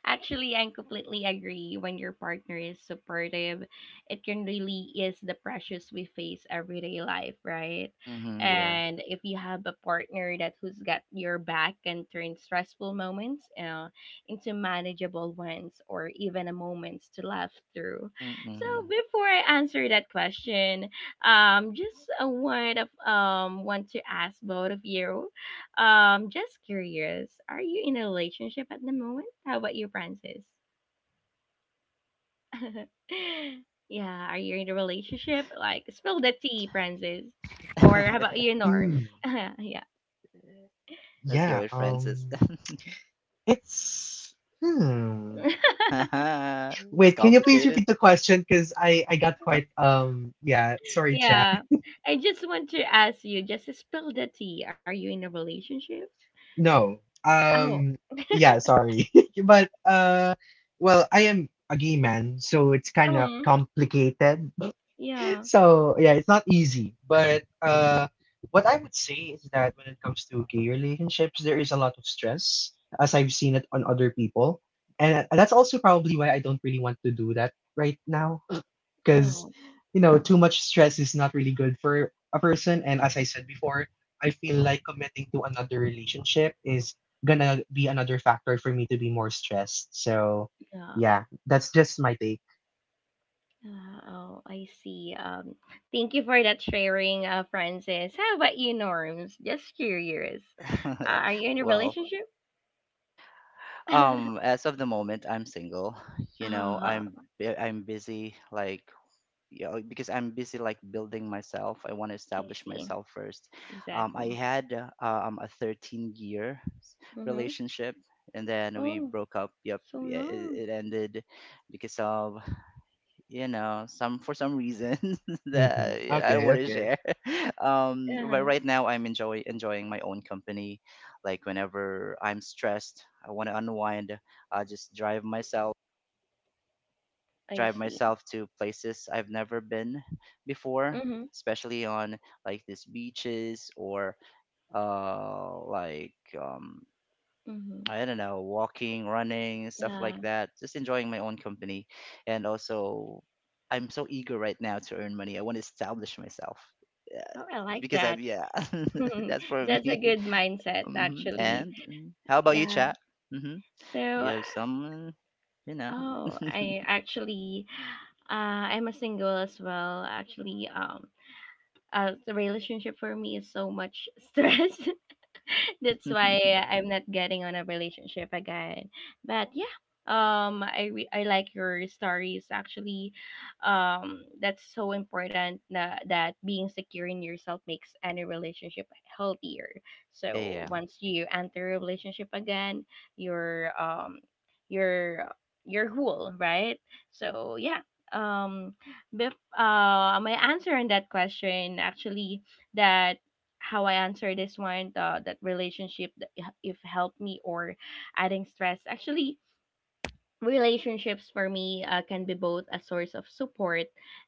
[SPEAKER 1] Actually, I completely agree. When your partner is supportive, it can really ease the pressures we face everyday life, right?
[SPEAKER 3] Hmm. Yeah.
[SPEAKER 1] And if you have a partner that who's got your back and turn stressful moments into manageable ones or even a moments to laugh through. So
[SPEAKER 3] Mm-mm.
[SPEAKER 1] before I answer that question, just a word of want to ask both of you, just curious, are you in a relationship at the moment? How about you, Francis? Yeah, are you in a relationship? Like, spill the tea, Francis. Or how about you, Norms?
[SPEAKER 2] Mm,
[SPEAKER 1] yeah.
[SPEAKER 3] Let's go
[SPEAKER 2] yeah,
[SPEAKER 3] with Francis.
[SPEAKER 2] it's hmm.
[SPEAKER 3] It's
[SPEAKER 2] Wait, can you please
[SPEAKER 3] complicated.
[SPEAKER 2] repeat the question cuz I got quite yeah, sorry, chat.
[SPEAKER 1] Yeah. I just want to ask you, just to spill the tea. Are you in a relationship?
[SPEAKER 2] No.
[SPEAKER 1] Oh,
[SPEAKER 2] Yeah, sorry. But well, I am a gay man, so it's kind of
[SPEAKER 1] um,
[SPEAKER 2] complicated.
[SPEAKER 1] yeah.
[SPEAKER 2] So yeah, it's not easy, but what I would say is that when it comes to gay relationships, there is a lot of stress, as I've seen it on other people. And that's also probably why I don't really want to do that right now, because,
[SPEAKER 1] Oh,
[SPEAKER 2] you know, too much stress is not really good for a person. And as I said before, I feel like committing to another relationship is gonna be another factor for me to be more stressed. So,
[SPEAKER 1] yeah.
[SPEAKER 2] yeah, that's just my take.
[SPEAKER 1] Ah, oh, I see. Thank you for that sharing, Francis. How about you, Norms? Just curious. Are you in a
[SPEAKER 3] Well,
[SPEAKER 1] relationship?
[SPEAKER 3] as of the moment, I'm single. You know,
[SPEAKER 1] Oh,
[SPEAKER 3] I'm busy, like, yeah, like, because I'm busy like building myself. I want to
[SPEAKER 1] I
[SPEAKER 3] establish
[SPEAKER 1] see.
[SPEAKER 3] myself first. I
[SPEAKER 1] Exactly.
[SPEAKER 3] had a 13-year
[SPEAKER 1] Mm-hmm.
[SPEAKER 3] relationship and then we
[SPEAKER 1] Oh,
[SPEAKER 3] broke up. Yep,
[SPEAKER 1] so
[SPEAKER 3] yeah,
[SPEAKER 1] long.
[SPEAKER 3] it ended because of, you know, some for some reason
[SPEAKER 2] Hmm.
[SPEAKER 3] that, you know, I don't want
[SPEAKER 2] Okay,
[SPEAKER 3] to
[SPEAKER 2] okay.
[SPEAKER 3] share. But
[SPEAKER 1] Uh-huh.
[SPEAKER 3] right now I'm enjoying my own company. Like whenever I'm stressed, I want to unwind. I just
[SPEAKER 1] I
[SPEAKER 3] drive
[SPEAKER 1] see.
[SPEAKER 3] myself to places I've never been before,
[SPEAKER 1] Mm-hmm.
[SPEAKER 3] especially on like these beaches or like um
[SPEAKER 1] Mm-hmm.
[SPEAKER 3] I don't know, walking, running, stuff like
[SPEAKER 1] Yeah.
[SPEAKER 3] that. Just enjoying my own company. And also I'm so eager right now to earn money. I want to establish myself. Yeah,
[SPEAKER 1] Oh, I like
[SPEAKER 3] because
[SPEAKER 1] that.
[SPEAKER 3] I'm, yeah. That's for
[SPEAKER 1] That's a
[SPEAKER 3] me.
[SPEAKER 1] good mindset,
[SPEAKER 3] Hmm.
[SPEAKER 1] actually.
[SPEAKER 3] And how about you,
[SPEAKER 1] Yeah.
[SPEAKER 3] chat? Mm-hmm.
[SPEAKER 1] So,
[SPEAKER 3] You have someone, you know.
[SPEAKER 1] oh, I'm a single as well. Actually, the relationship for me is so much stress. That's why I'm not getting on a relationship again. But yeah, I like your stories actually. That's so important that that being secure in yourself makes any relationship healthier. So
[SPEAKER 3] Yeah.
[SPEAKER 1] once you enter a relationship again, you're you're you're whole, right? So yeah. Um, bef- my answer on that question actually, that how I answer this one, the that relationship that if helped me or adding stress. Actually, relationships for me can be both a source of support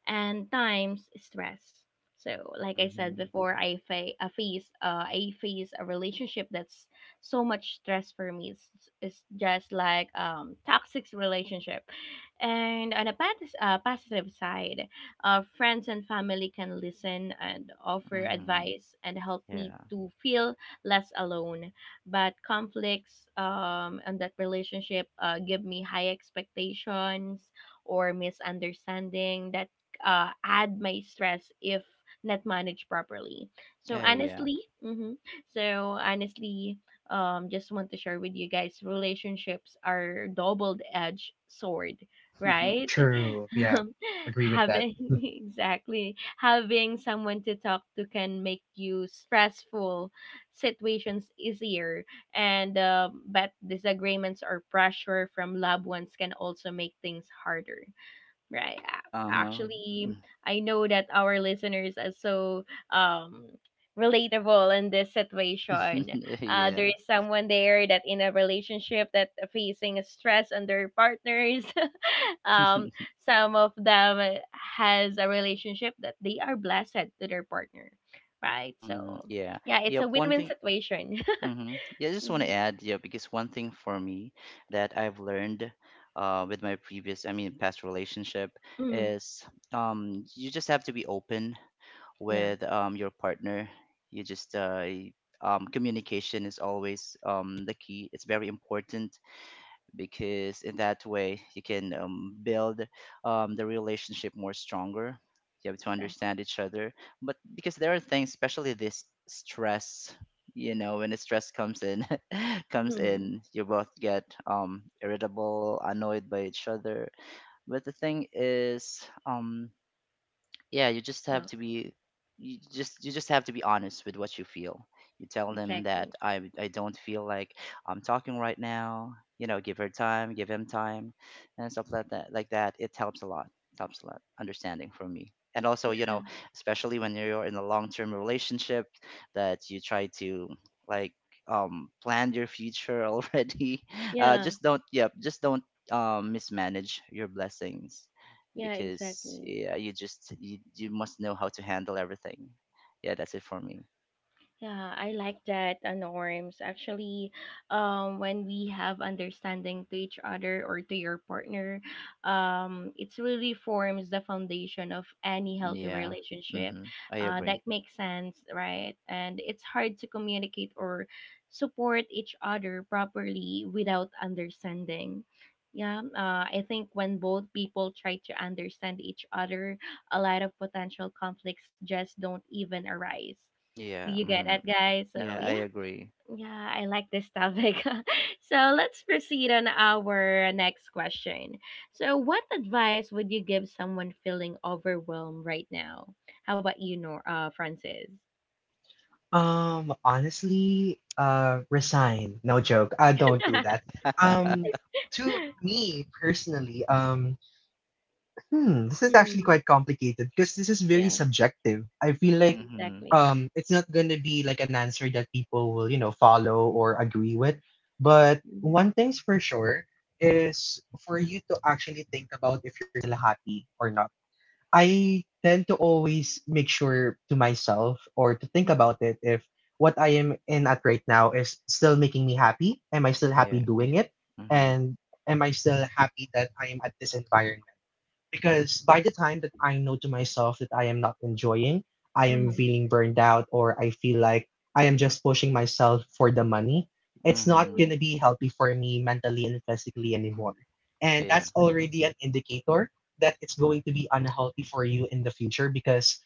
[SPEAKER 1] and times stress. So, like I said
[SPEAKER 3] Mm-hmm.
[SPEAKER 1] before, I face a relationship that's so much stress for me. It's just like toxic relationship. And on a positive side, friends and family can listen and offer
[SPEAKER 3] Mhm.
[SPEAKER 1] advice and help me
[SPEAKER 3] Yeah.
[SPEAKER 1] to feel less alone, but conflicts and that relationship give me high expectations or misunderstanding that add my stress if not managed properly. so
[SPEAKER 3] Yeah.
[SPEAKER 1] honestly hmm so honestly, just want to share with you guys, relationships are double edged sword, right?
[SPEAKER 2] True. Yeah, agree with that.
[SPEAKER 1] Having exactly having someone to talk to can make you stressful situations easier, and but disagreements or pressure from loved ones can also make things harder, right?
[SPEAKER 3] Uh-huh.
[SPEAKER 1] Actually, I know that our listeners are so um relatable in this situation. There
[SPEAKER 3] Yeah.
[SPEAKER 1] is someone there that in a relationship that facing stress on their partners. um some of them has a relationship that they are blessed to their partner, right?
[SPEAKER 3] Mm,
[SPEAKER 1] So
[SPEAKER 3] yeah.
[SPEAKER 1] yeah, it's
[SPEAKER 3] Yep.
[SPEAKER 1] a
[SPEAKER 3] One
[SPEAKER 1] win-win
[SPEAKER 3] thing.
[SPEAKER 1] situation.
[SPEAKER 3] Mm-hmm. Yeah, I just want to
[SPEAKER 1] Hmm.
[SPEAKER 3] add, yeah, because one thing for me that I've learned with my past relationship
[SPEAKER 1] Hmm.
[SPEAKER 3] is you just have to be open
[SPEAKER 1] Yeah,
[SPEAKER 3] with your partner. You just, uh, y- Communication is always the key. It's very important because in that way you can build the relationship more stronger. You have to
[SPEAKER 1] exactly.
[SPEAKER 3] understand each other, but because there are things, especially this stress, you know, when the stress comes in comes
[SPEAKER 1] Hmm.
[SPEAKER 3] in, you both get irritable, annoyed by each other. But the thing is yeah, you just have
[SPEAKER 1] Yeah,
[SPEAKER 3] to be you just have to be honest with what you feel. You tell them that
[SPEAKER 1] exactly.
[SPEAKER 3] I don't feel like I'm talking right now. You know, give her time, give him time and stuff like that, it helps a lot. It helps a lot understanding for me, and also, you
[SPEAKER 1] Yeah.
[SPEAKER 3] know, especially when you're in a long-term relationship that you try to, like, plan your future already.
[SPEAKER 1] Yeah.
[SPEAKER 3] Just don't, yep, just don't mismanage your blessings.
[SPEAKER 1] Yeah,
[SPEAKER 3] Because
[SPEAKER 1] exactly.
[SPEAKER 3] yeah, you just you must know how to handle everything. Yeah, that's it for me.
[SPEAKER 1] Yeah, I like that, norms. Actually, when we have understanding to each other or to your partner, it really forms the foundation of any healthy
[SPEAKER 3] Yeah.
[SPEAKER 1] relationship.
[SPEAKER 3] Mm-hmm. I
[SPEAKER 1] That
[SPEAKER 3] agree.
[SPEAKER 1] makes sense, right? And it's hard to communicate or support each other properly without understanding. Yeah, I think when both people try to understand each other, a lot of potential conflicts just don't even arise. Do
[SPEAKER 3] Yeah.
[SPEAKER 1] you get
[SPEAKER 3] Mm-hmm.
[SPEAKER 1] it, guys? So
[SPEAKER 3] Yeah, I
[SPEAKER 1] yeah,
[SPEAKER 3] agree.
[SPEAKER 1] yeah, I like this topic. So let's proceed on our next question. So, what advice would you give someone feeling overwhelmed right now? How about you, Francis?
[SPEAKER 2] Honestly, resign. No joke. I don't do that. Um, to me personally, hmm, this is actually quite
[SPEAKER 1] Mm,
[SPEAKER 2] complicated because this is very
[SPEAKER 1] yeah,
[SPEAKER 2] subjective. I feel like,
[SPEAKER 3] Mm-hmm.
[SPEAKER 1] exactly.
[SPEAKER 2] it's not gonna be like an answer that people will, you know, follow or agree with. But
[SPEAKER 1] Mm-hmm.
[SPEAKER 2] one thing's for sure is for you to actually think about if you're still happy or not. I tend to always make sure to myself or to think
[SPEAKER 1] Mm-hmm.
[SPEAKER 2] about it if what I am in at right now is still making me happy. Am I still happy
[SPEAKER 3] Yeah. Yeah.
[SPEAKER 2] doing it?
[SPEAKER 3] Mm-hmm.
[SPEAKER 2] And am I still happy that I am at this environment? Because by the time that I know to myself that I am not enjoying, I am feeling burned out, or I feel like I am just pushing myself for the money, it's not
[SPEAKER 3] Mm-hmm.
[SPEAKER 2] going
[SPEAKER 1] Mm-hmm.
[SPEAKER 2] to be healthy for me mentally and physically anymore. And
[SPEAKER 3] Yeah.
[SPEAKER 2] that's
[SPEAKER 1] Exactly.
[SPEAKER 2] already an indicator that it's going to be unhealthy for you in the future because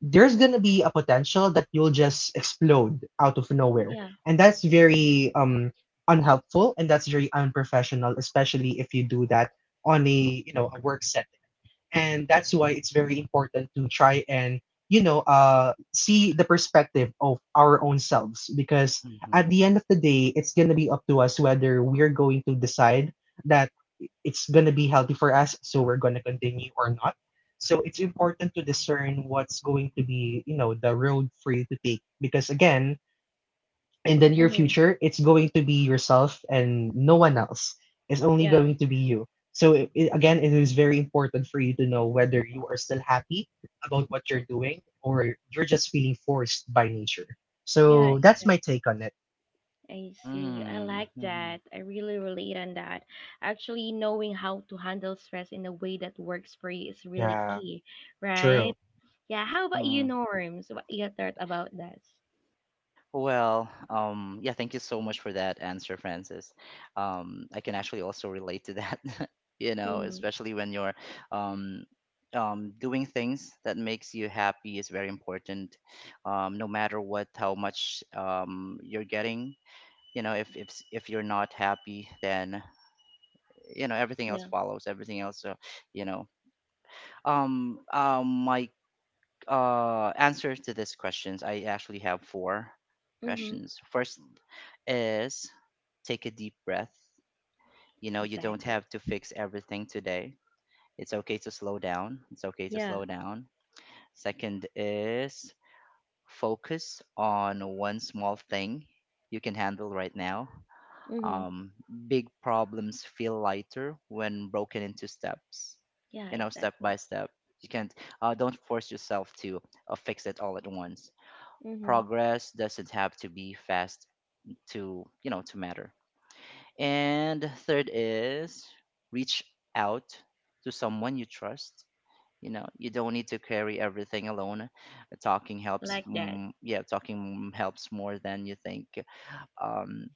[SPEAKER 2] there's going to be a potential that you'll just explode out of nowhere.
[SPEAKER 1] Yeah.
[SPEAKER 2] And that's very unhelpful and that's very unprofessional, especially if you do that on a you know a work setting, and that's why it's very important to try and you know see the perspective of our own selves because
[SPEAKER 3] Mm-hmm.
[SPEAKER 2] at the end of the day it's going to be up to us whether we're going to decide that it's going to be healthy for us so we're going to continue or not. So it's important to discern what's going to be, you know, the road for you to take because again in the near
[SPEAKER 1] Mm-hmm.
[SPEAKER 2] future, it's going to be yourself and no one else. It's only
[SPEAKER 1] Yeah.
[SPEAKER 2] going to be you. So again, it is very important for you to know whether you are still happy about what you're doing or you're just feeling forced by nature.
[SPEAKER 1] Yeah.
[SPEAKER 2] So that's
[SPEAKER 3] Mm-hmm.
[SPEAKER 2] my
[SPEAKER 1] Exactly.
[SPEAKER 2] take on it.
[SPEAKER 1] I see. I like
[SPEAKER 3] Mm-hmm.
[SPEAKER 1] that. I really relate on that. Actually, knowing how to handle stress in a way that works for you is really
[SPEAKER 2] Yeah,
[SPEAKER 1] key, right?
[SPEAKER 2] true.
[SPEAKER 1] Yeah. How about you,
[SPEAKER 3] Mm-hmm.
[SPEAKER 1] Norms? What your thought about this?
[SPEAKER 3] Well, yeah, thank you so much for that answer, Francis. I can actually also relate to that, you know,
[SPEAKER 1] Mm-hmm.
[SPEAKER 3] especially when you're um, doing things that makes you happy is very important, no matter what, how much you're getting. You know, if if you're not happy, then you know everything else
[SPEAKER 1] Yeah.
[SPEAKER 3] follows. Everything else, you know. My answers to these questions. I actually have four
[SPEAKER 1] Mm-hmm.
[SPEAKER 3] questions. First is take a deep breath. You know, you don't
[SPEAKER 1] Exactly.
[SPEAKER 3] have to fix everything today. It's okay to slow down. It's okay to
[SPEAKER 1] Yeah.
[SPEAKER 3] slow down. Second is focus on one small thing you can handle right now.
[SPEAKER 1] Mm-hmm.
[SPEAKER 3] Um, big problems feel lighter when broken into steps,
[SPEAKER 1] Yeah.
[SPEAKER 3] you know, step by
[SPEAKER 1] Exactly.
[SPEAKER 3] step. You can't, don't force yourself to fix it all at once.
[SPEAKER 1] Mm-hmm.
[SPEAKER 3] Progress doesn't have to be fast to, you know, to matter. And third is reach out to someone you trust. You know, you don't need to carry everything alone. Talking helps.
[SPEAKER 1] Like that.
[SPEAKER 3] Yeah, talking helps more than you think. Um,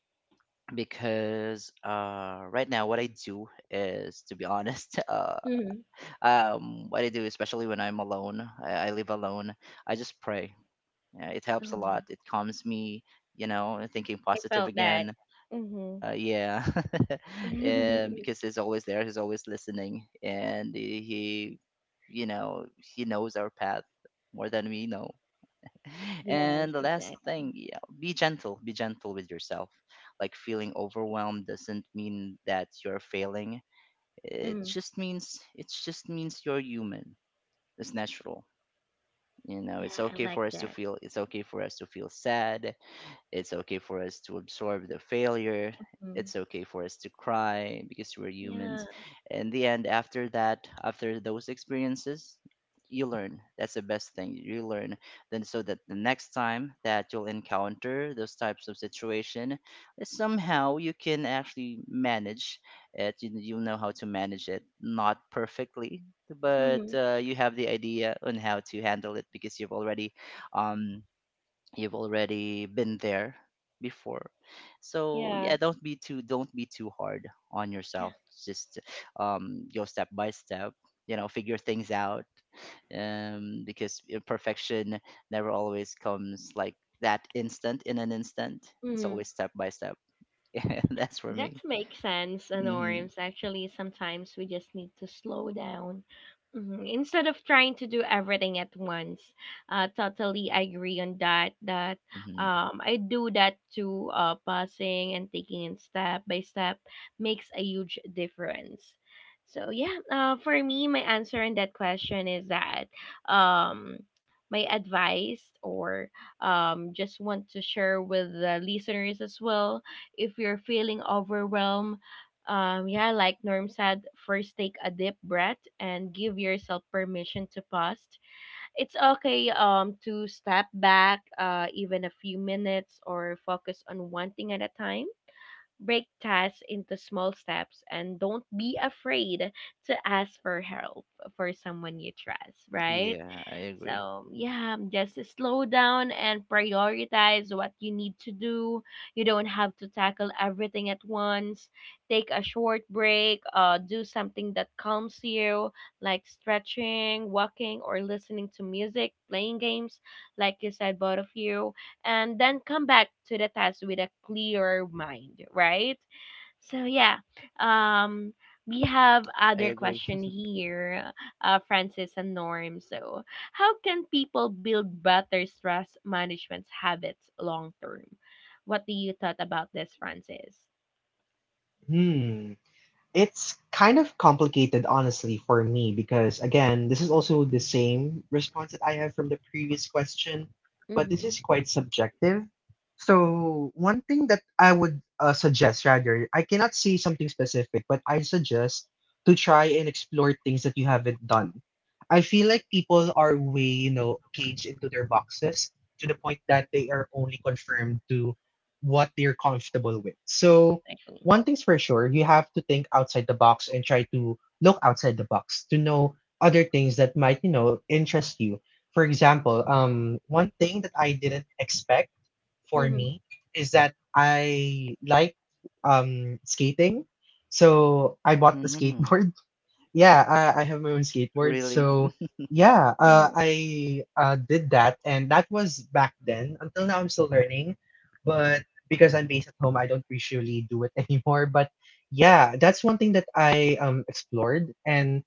[SPEAKER 3] because right now, what I do is, to be honest,
[SPEAKER 1] Mm-hmm.
[SPEAKER 3] what I do, especially when I'm alone, I live alone. I just pray, yeah, it helps a
[SPEAKER 1] Oh,
[SPEAKER 3] lot. It calms me, you know, thinking
[SPEAKER 1] I
[SPEAKER 3] positive
[SPEAKER 1] felt that.
[SPEAKER 3] again.
[SPEAKER 1] Mm-hmm.
[SPEAKER 3] Yeah, and because he's always there, he's always listening, and he, you know, he knows our path more than we know.
[SPEAKER 1] Yes.
[SPEAKER 3] And the last
[SPEAKER 1] Exactly.
[SPEAKER 3] thing, yeah, be gentle. Be gentle with yourself. Like feeling overwhelmed doesn't mean that you're failing.
[SPEAKER 1] Mm-hmm.
[SPEAKER 3] It just means you're human. It's natural. You know,
[SPEAKER 1] Yeah.
[SPEAKER 3] it's
[SPEAKER 1] I
[SPEAKER 3] okay
[SPEAKER 1] like
[SPEAKER 3] for us to
[SPEAKER 1] that.
[SPEAKER 3] feel. It's okay for us to feel sad. It's okay for us to absorb the failure.
[SPEAKER 1] Mm-hmm.
[SPEAKER 3] It's okay for us to cry because we're
[SPEAKER 1] Yeah.
[SPEAKER 3] humans. In the end, after that, after those experiences, you learn. That's the best thing. You learn. Then, so that the next time that you'll encounter those types of situation, somehow you can actually manage it. You know how to manage it. Not perfectly, but
[SPEAKER 1] Mm-hmm.
[SPEAKER 3] you have the idea on how to handle it because um, you've already been there before. So
[SPEAKER 1] Yeah.
[SPEAKER 3] yeah, don't be too hard on
[SPEAKER 1] Yeah.
[SPEAKER 3] yourself. Just go step by step, you know, figure things out. Because perfection never always comes like that instant in an instant. It's
[SPEAKER 1] Mhm.
[SPEAKER 3] always step by step. Yeah, that's for
[SPEAKER 1] That
[SPEAKER 3] me.
[SPEAKER 1] makes sense, and
[SPEAKER 3] Hmm.
[SPEAKER 1] norms. Actually, sometimes we just need to slow down. Mhm. Instead of trying to do everything at once, totally I agree on that. That
[SPEAKER 3] Hmm.
[SPEAKER 1] um, I do that too. Pausing and taking it step by step makes a huge difference. So yeah, for me, my answer on that question is that um, my advice or just want to share with the listeners as well, if you're feeling overwhelmed, yeah, like Norm said, first take a deep breath and give yourself permission to pause. It's okay to step back, even a few minutes or focus on one thing at a time. Break tasks into small steps and don't be afraid to ask for help for someone you trust, right?
[SPEAKER 3] Yeah, I agree.
[SPEAKER 1] So, yeah, just slow down and prioritize what you need to do. You don't have to tackle everything at once. Take a short break, do something that calms you, like stretching, walking, or listening to music, playing games, like you said, both of you, and then come back to the test with a clearer mind, right? So yeah, um, we have
[SPEAKER 3] I
[SPEAKER 1] other
[SPEAKER 3] agree.
[SPEAKER 1] question here, Francis and Norm. So how can people build better stress management habits long term? What do you thought about this, Francis?
[SPEAKER 2] Hmm. It's kind of complicated, honestly, for me, because again, this is also the same response that I have from the previous question, but this
[SPEAKER 1] Mm-hmm.
[SPEAKER 2] is quite subjective. So, one thing that I would suggest, rather, I cannot say something specific, but I suggest to try and explore things that you haven't done. I feel like people are way, you know, caged into their boxes to the point that they are only confirmed to what they're comfortable with. So,
[SPEAKER 1] Exactly.
[SPEAKER 2] one thing's for sure, you have to think outside the box and try to look outside the box to know other things that might, you know, interest you. For example, one thing that I didn't expect for
[SPEAKER 1] Mm-hmm.
[SPEAKER 2] me is that I like skating. So I bought the
[SPEAKER 3] Hmm.
[SPEAKER 2] skateboard. Yeah, I have my own skateboard.
[SPEAKER 3] Really.
[SPEAKER 2] So yeah,
[SPEAKER 1] Mm-hmm.
[SPEAKER 2] I did that, and that was back then. Until now, I'm still learning, but because I'm based at home, I don't usually do it anymore. But yeah, that's one thing that I explored, and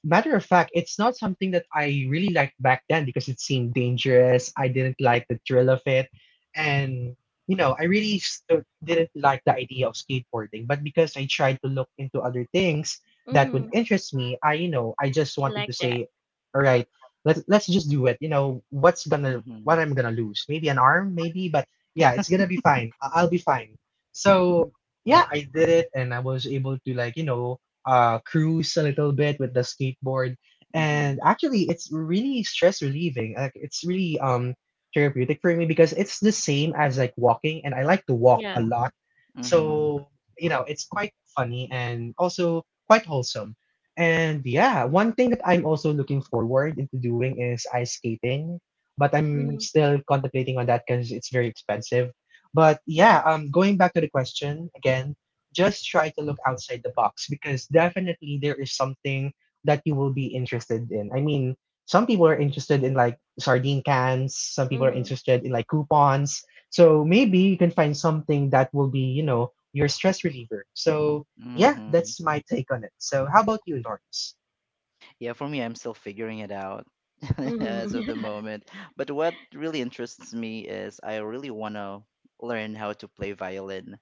[SPEAKER 2] matter of fact, it's not something that I really liked back then because it seemed dangerous. I didn't like the thrill of it. And, you know, I really didn't like the idea of skateboarding. But because I tried to look into other things that
[SPEAKER 1] Mm-hmm.
[SPEAKER 2] would interest me, I, you know, I just
[SPEAKER 1] I
[SPEAKER 2] wanted
[SPEAKER 1] like
[SPEAKER 2] to
[SPEAKER 1] that.
[SPEAKER 2] say, all right, let's just do it. You know, what's gonna,
[SPEAKER 3] Hmm.
[SPEAKER 2] what
[SPEAKER 3] Hmm.
[SPEAKER 2] I'm gonna lose? Maybe an arm, maybe, but yeah, it's gonna be fine. I'll be fine. So, yeah, I did it and I was able to, like, you know, cruise a little bit with the skateboard.
[SPEAKER 3] Hmm.
[SPEAKER 2] And actually, it's really stress relieving. Like it's really therapeutic for me because it's the same as like walking, and I like to walk
[SPEAKER 1] Yeah.
[SPEAKER 2] a lot. So you know, it's quite funny and also quite wholesome. And yeah, one thing that I'm also looking forward into doing is ice skating, but
[SPEAKER 1] Mm-hmm.
[SPEAKER 2] I'm still contemplating on that because it's very expensive. But yeah, going back to the question again, just try to look outside the box because definitely there is something that you will be interested in. I mean, some people are interested in like sardine cans, some people are
[SPEAKER 1] Mm-hmm.
[SPEAKER 2] interested in like coupons. So maybe you can find something that will be, you know, your stress reliever. So
[SPEAKER 3] Hmm.
[SPEAKER 2] yeah,
[SPEAKER 3] Hmm.
[SPEAKER 2] that's my take on it. So how about you, Lawrence?
[SPEAKER 3] Yeah, for me, I'm still figuring it out
[SPEAKER 1] Mm-hmm.
[SPEAKER 3] as of the moment. But what really interests me is I really want to learn how to play violin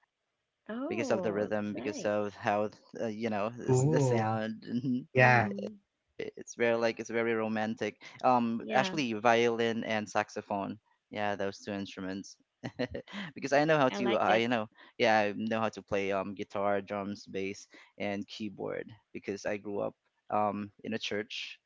[SPEAKER 3] because of the
[SPEAKER 1] Oh, it's
[SPEAKER 3] rhythm, because
[SPEAKER 1] nice.
[SPEAKER 3] of how, you know, it's the
[SPEAKER 2] Cool.
[SPEAKER 3] sound.
[SPEAKER 2] Yeah.
[SPEAKER 1] Mm-hmm.
[SPEAKER 3] Very, it's very like it's very romantic.
[SPEAKER 1] Yeah,
[SPEAKER 3] Actually, violin and saxophone. Yeah, those two instruments. Because
[SPEAKER 1] I like that.
[SPEAKER 3] I know, yeah, I know how to play guitar, drums, bass, and keyboard because I grew up in a church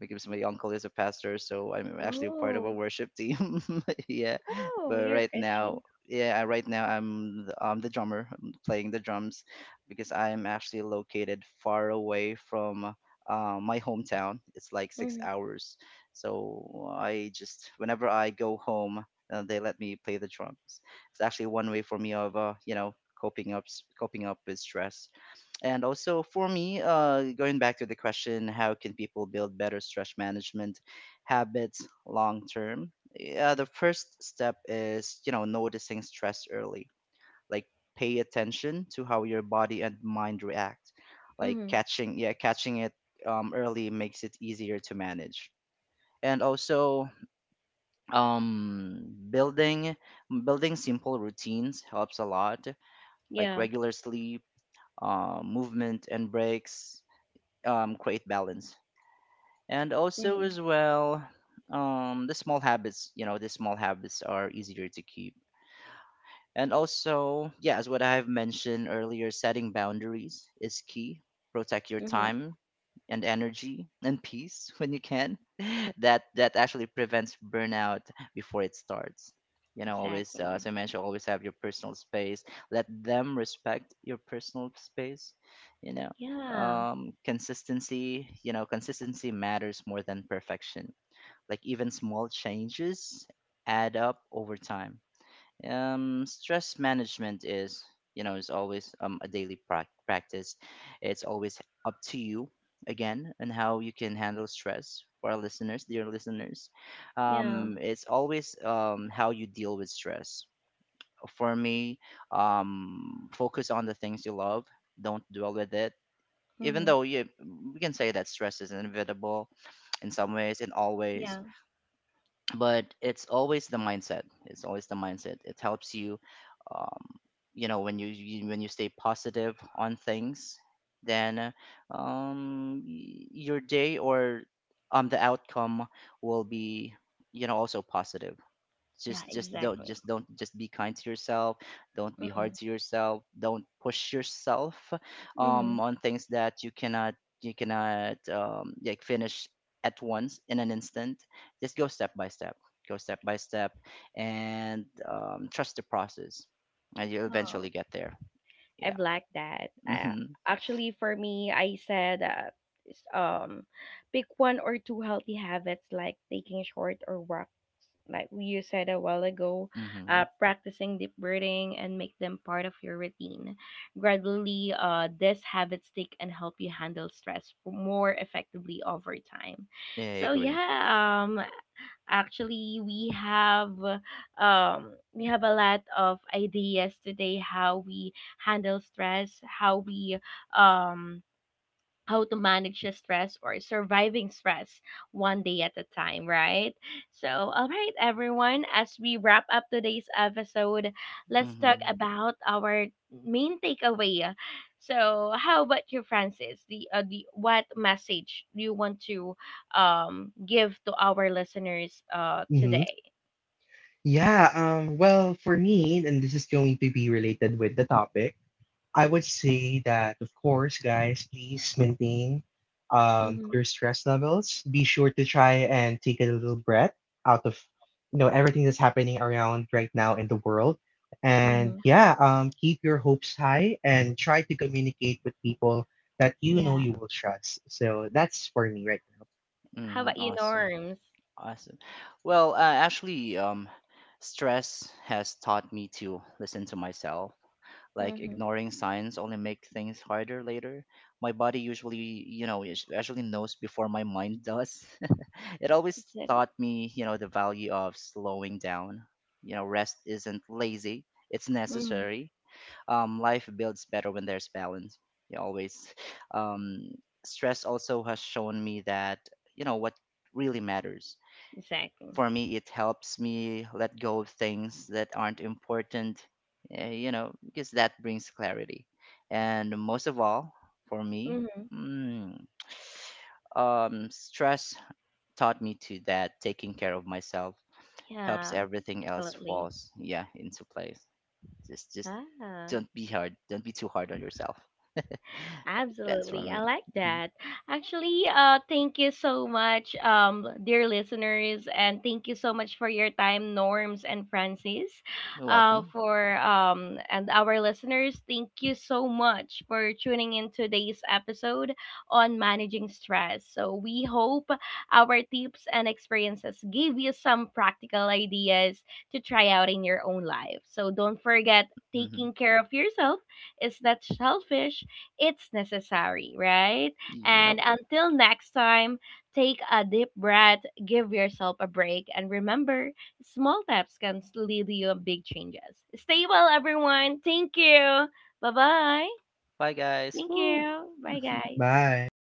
[SPEAKER 3] because my uncle is a pastor, so I'm actually a part of a
[SPEAKER 1] Oh,
[SPEAKER 3] worship team. Yeah,
[SPEAKER 1] oh,
[SPEAKER 3] but
[SPEAKER 1] you're a
[SPEAKER 3] right
[SPEAKER 1] Christian.
[SPEAKER 3] now. Yeah, right now I'm the drummer, I'm playing the drums because I'm actually located far away from my hometown. It's like six
[SPEAKER 1] Mhm.
[SPEAKER 3] hours. So I just, whenever I go home, they let me play the drums. It's actually one way for me of, you know, coping up, coping up with stress. And also for me, going back to the question, how can people build better stress management habits long term? Yeah, the first step is, you know, noticing stress early, like pay attention to how your body and mind react, like
[SPEAKER 1] Mhm.
[SPEAKER 3] catching, yeah, catching it early makes it easier to manage. And also building simple routines helps a lot, like
[SPEAKER 1] Yeah.
[SPEAKER 3] regular sleep, movement and breaks create balance. And also
[SPEAKER 1] Mhm.
[SPEAKER 3] as well, the small habits, you know, the small habits are easier to keep. And also, yeah, as what I have mentioned earlier, setting boundaries is key. Protect your
[SPEAKER 1] Mhm.
[SPEAKER 3] time and energy and peace when you can. That actually prevents burnout before it starts. You know, always
[SPEAKER 1] Exactly.
[SPEAKER 3] as I mentioned, always have your personal space. Let them respect your personal space. You know,
[SPEAKER 1] Yeah.
[SPEAKER 3] consistency. You know, consistency matters more than perfection. Like even small changes add up over time. Stress management is, you know, is always a daily practice. It's always up to you again, and how you can handle stress. For our listeners, dear listeners,
[SPEAKER 1] Yeah.
[SPEAKER 3] it's always how you deal with stress. For me, focus on the things you love, don't dwell with it. Even
[SPEAKER 1] Mhm.
[SPEAKER 3] though you we can say that stress is inevitable in some ways and
[SPEAKER 1] Yeah.
[SPEAKER 3] always, but it's always the mindset, it helps you um, you know, when you when you stay positive on things, then your day or the outcome will be, you know, also positive.
[SPEAKER 1] Yeah,
[SPEAKER 3] Just just don't
[SPEAKER 1] exactly.
[SPEAKER 3] just don't, just be kind to yourself, don't be
[SPEAKER 1] Mhm.
[SPEAKER 3] hard to yourself, don't push yourself
[SPEAKER 1] Mhm.
[SPEAKER 3] on things that you cannot, like finish at once in an instant. Just go step by step, go step by step and trust the process, and you eventually
[SPEAKER 1] Oh.
[SPEAKER 3] get there.
[SPEAKER 1] I'm
[SPEAKER 3] Yeah.
[SPEAKER 1] like that.
[SPEAKER 3] Mm-hmm.
[SPEAKER 1] Actually, for me, I said s- um, pick one or two healthy habits like taking short or walks, like you said a while ago,
[SPEAKER 3] Mm-hmm.
[SPEAKER 1] practicing deep breathing and make them part of your routine. Gradually, these habits stick and help you handle stress more effectively over time.
[SPEAKER 3] Yeah, I
[SPEAKER 1] So
[SPEAKER 3] agree.
[SPEAKER 1] yeah, actually, we have a lot of ideas today how we handle stress, how we um how to manage the stress or surviving stress one day at a time, right? So, all right, everyone, as we wrap up today's episode, let's talk
[SPEAKER 3] Mm-hmm.
[SPEAKER 1] about our main takeaway. So, how about you, Francis? The what message do you want to give to our listeners
[SPEAKER 2] Mm-hmm.
[SPEAKER 1] today?
[SPEAKER 2] Yeah. Well, for me, and this is going to be related with the topic. I would say that, of course, guys, please maintain
[SPEAKER 1] Mm-hmm.
[SPEAKER 2] your stress levels. Be sure to try and take a little breath out of you know everything that's happening around right now in the world.
[SPEAKER 1] Mm-hmm.
[SPEAKER 2] And yeah, keep your hopes high and try to communicate with people that you
[SPEAKER 1] Yeah.
[SPEAKER 2] know you will trust. So that's for me right now.
[SPEAKER 1] How about you,
[SPEAKER 3] Mm-hmm. Awesome.
[SPEAKER 1] Norms?
[SPEAKER 3] Awesome. Well, actually, stress has taught me to listen to myself. Like
[SPEAKER 1] Mm-hmm.
[SPEAKER 3] ignoring signs only make things harder later. My body usually, you know, actually knows before my mind does. It always
[SPEAKER 1] Exactly.
[SPEAKER 3] taught me, you know, the value of slowing down. You know, rest isn't lazy; it's
[SPEAKER 1] Mm-hmm.
[SPEAKER 3] necessary. Life builds better when there's balance. You always. Um, stress also has shown me that, you know, what really matters
[SPEAKER 1] Exactly.
[SPEAKER 3] for me, it helps me let go of things that aren't important, you know, because that brings clarity. And most of all, for me,
[SPEAKER 1] Mm-hmm.
[SPEAKER 3] mm, stress taught me to that taking care of myself helps
[SPEAKER 1] Yeah.
[SPEAKER 3] everything else
[SPEAKER 1] Absolutely.
[SPEAKER 3] falls, yeah, into place. Just
[SPEAKER 1] 啊，
[SPEAKER 3] don't be hard, don't be too hard on yourself. That's for
[SPEAKER 1] Absolutely. I
[SPEAKER 3] me.
[SPEAKER 1] like
[SPEAKER 3] Mhm.
[SPEAKER 1] that. Actually, thank you so much dear listeners and thank you so much for your time, Norms and Francis.
[SPEAKER 3] You're welcome.
[SPEAKER 1] For and our listeners, thank you so much for tuning in today's episode on managing stress. So we hope our tips and experiences give you some practical ideas to try out in your own life. So don't forget,
[SPEAKER 3] Hmm.
[SPEAKER 1] taking care of yourself is that selfish, it's necessary, right?
[SPEAKER 3] Yep.
[SPEAKER 1] And until next time, take a deep breath, give yourself a break, and remember small steps can lead you to big changes. Stay well, everyone. Thank you. Bye bye.
[SPEAKER 3] Bye, guys.
[SPEAKER 1] Thank
[SPEAKER 3] Woo!
[SPEAKER 1] you. Bye, guys.
[SPEAKER 2] Bye.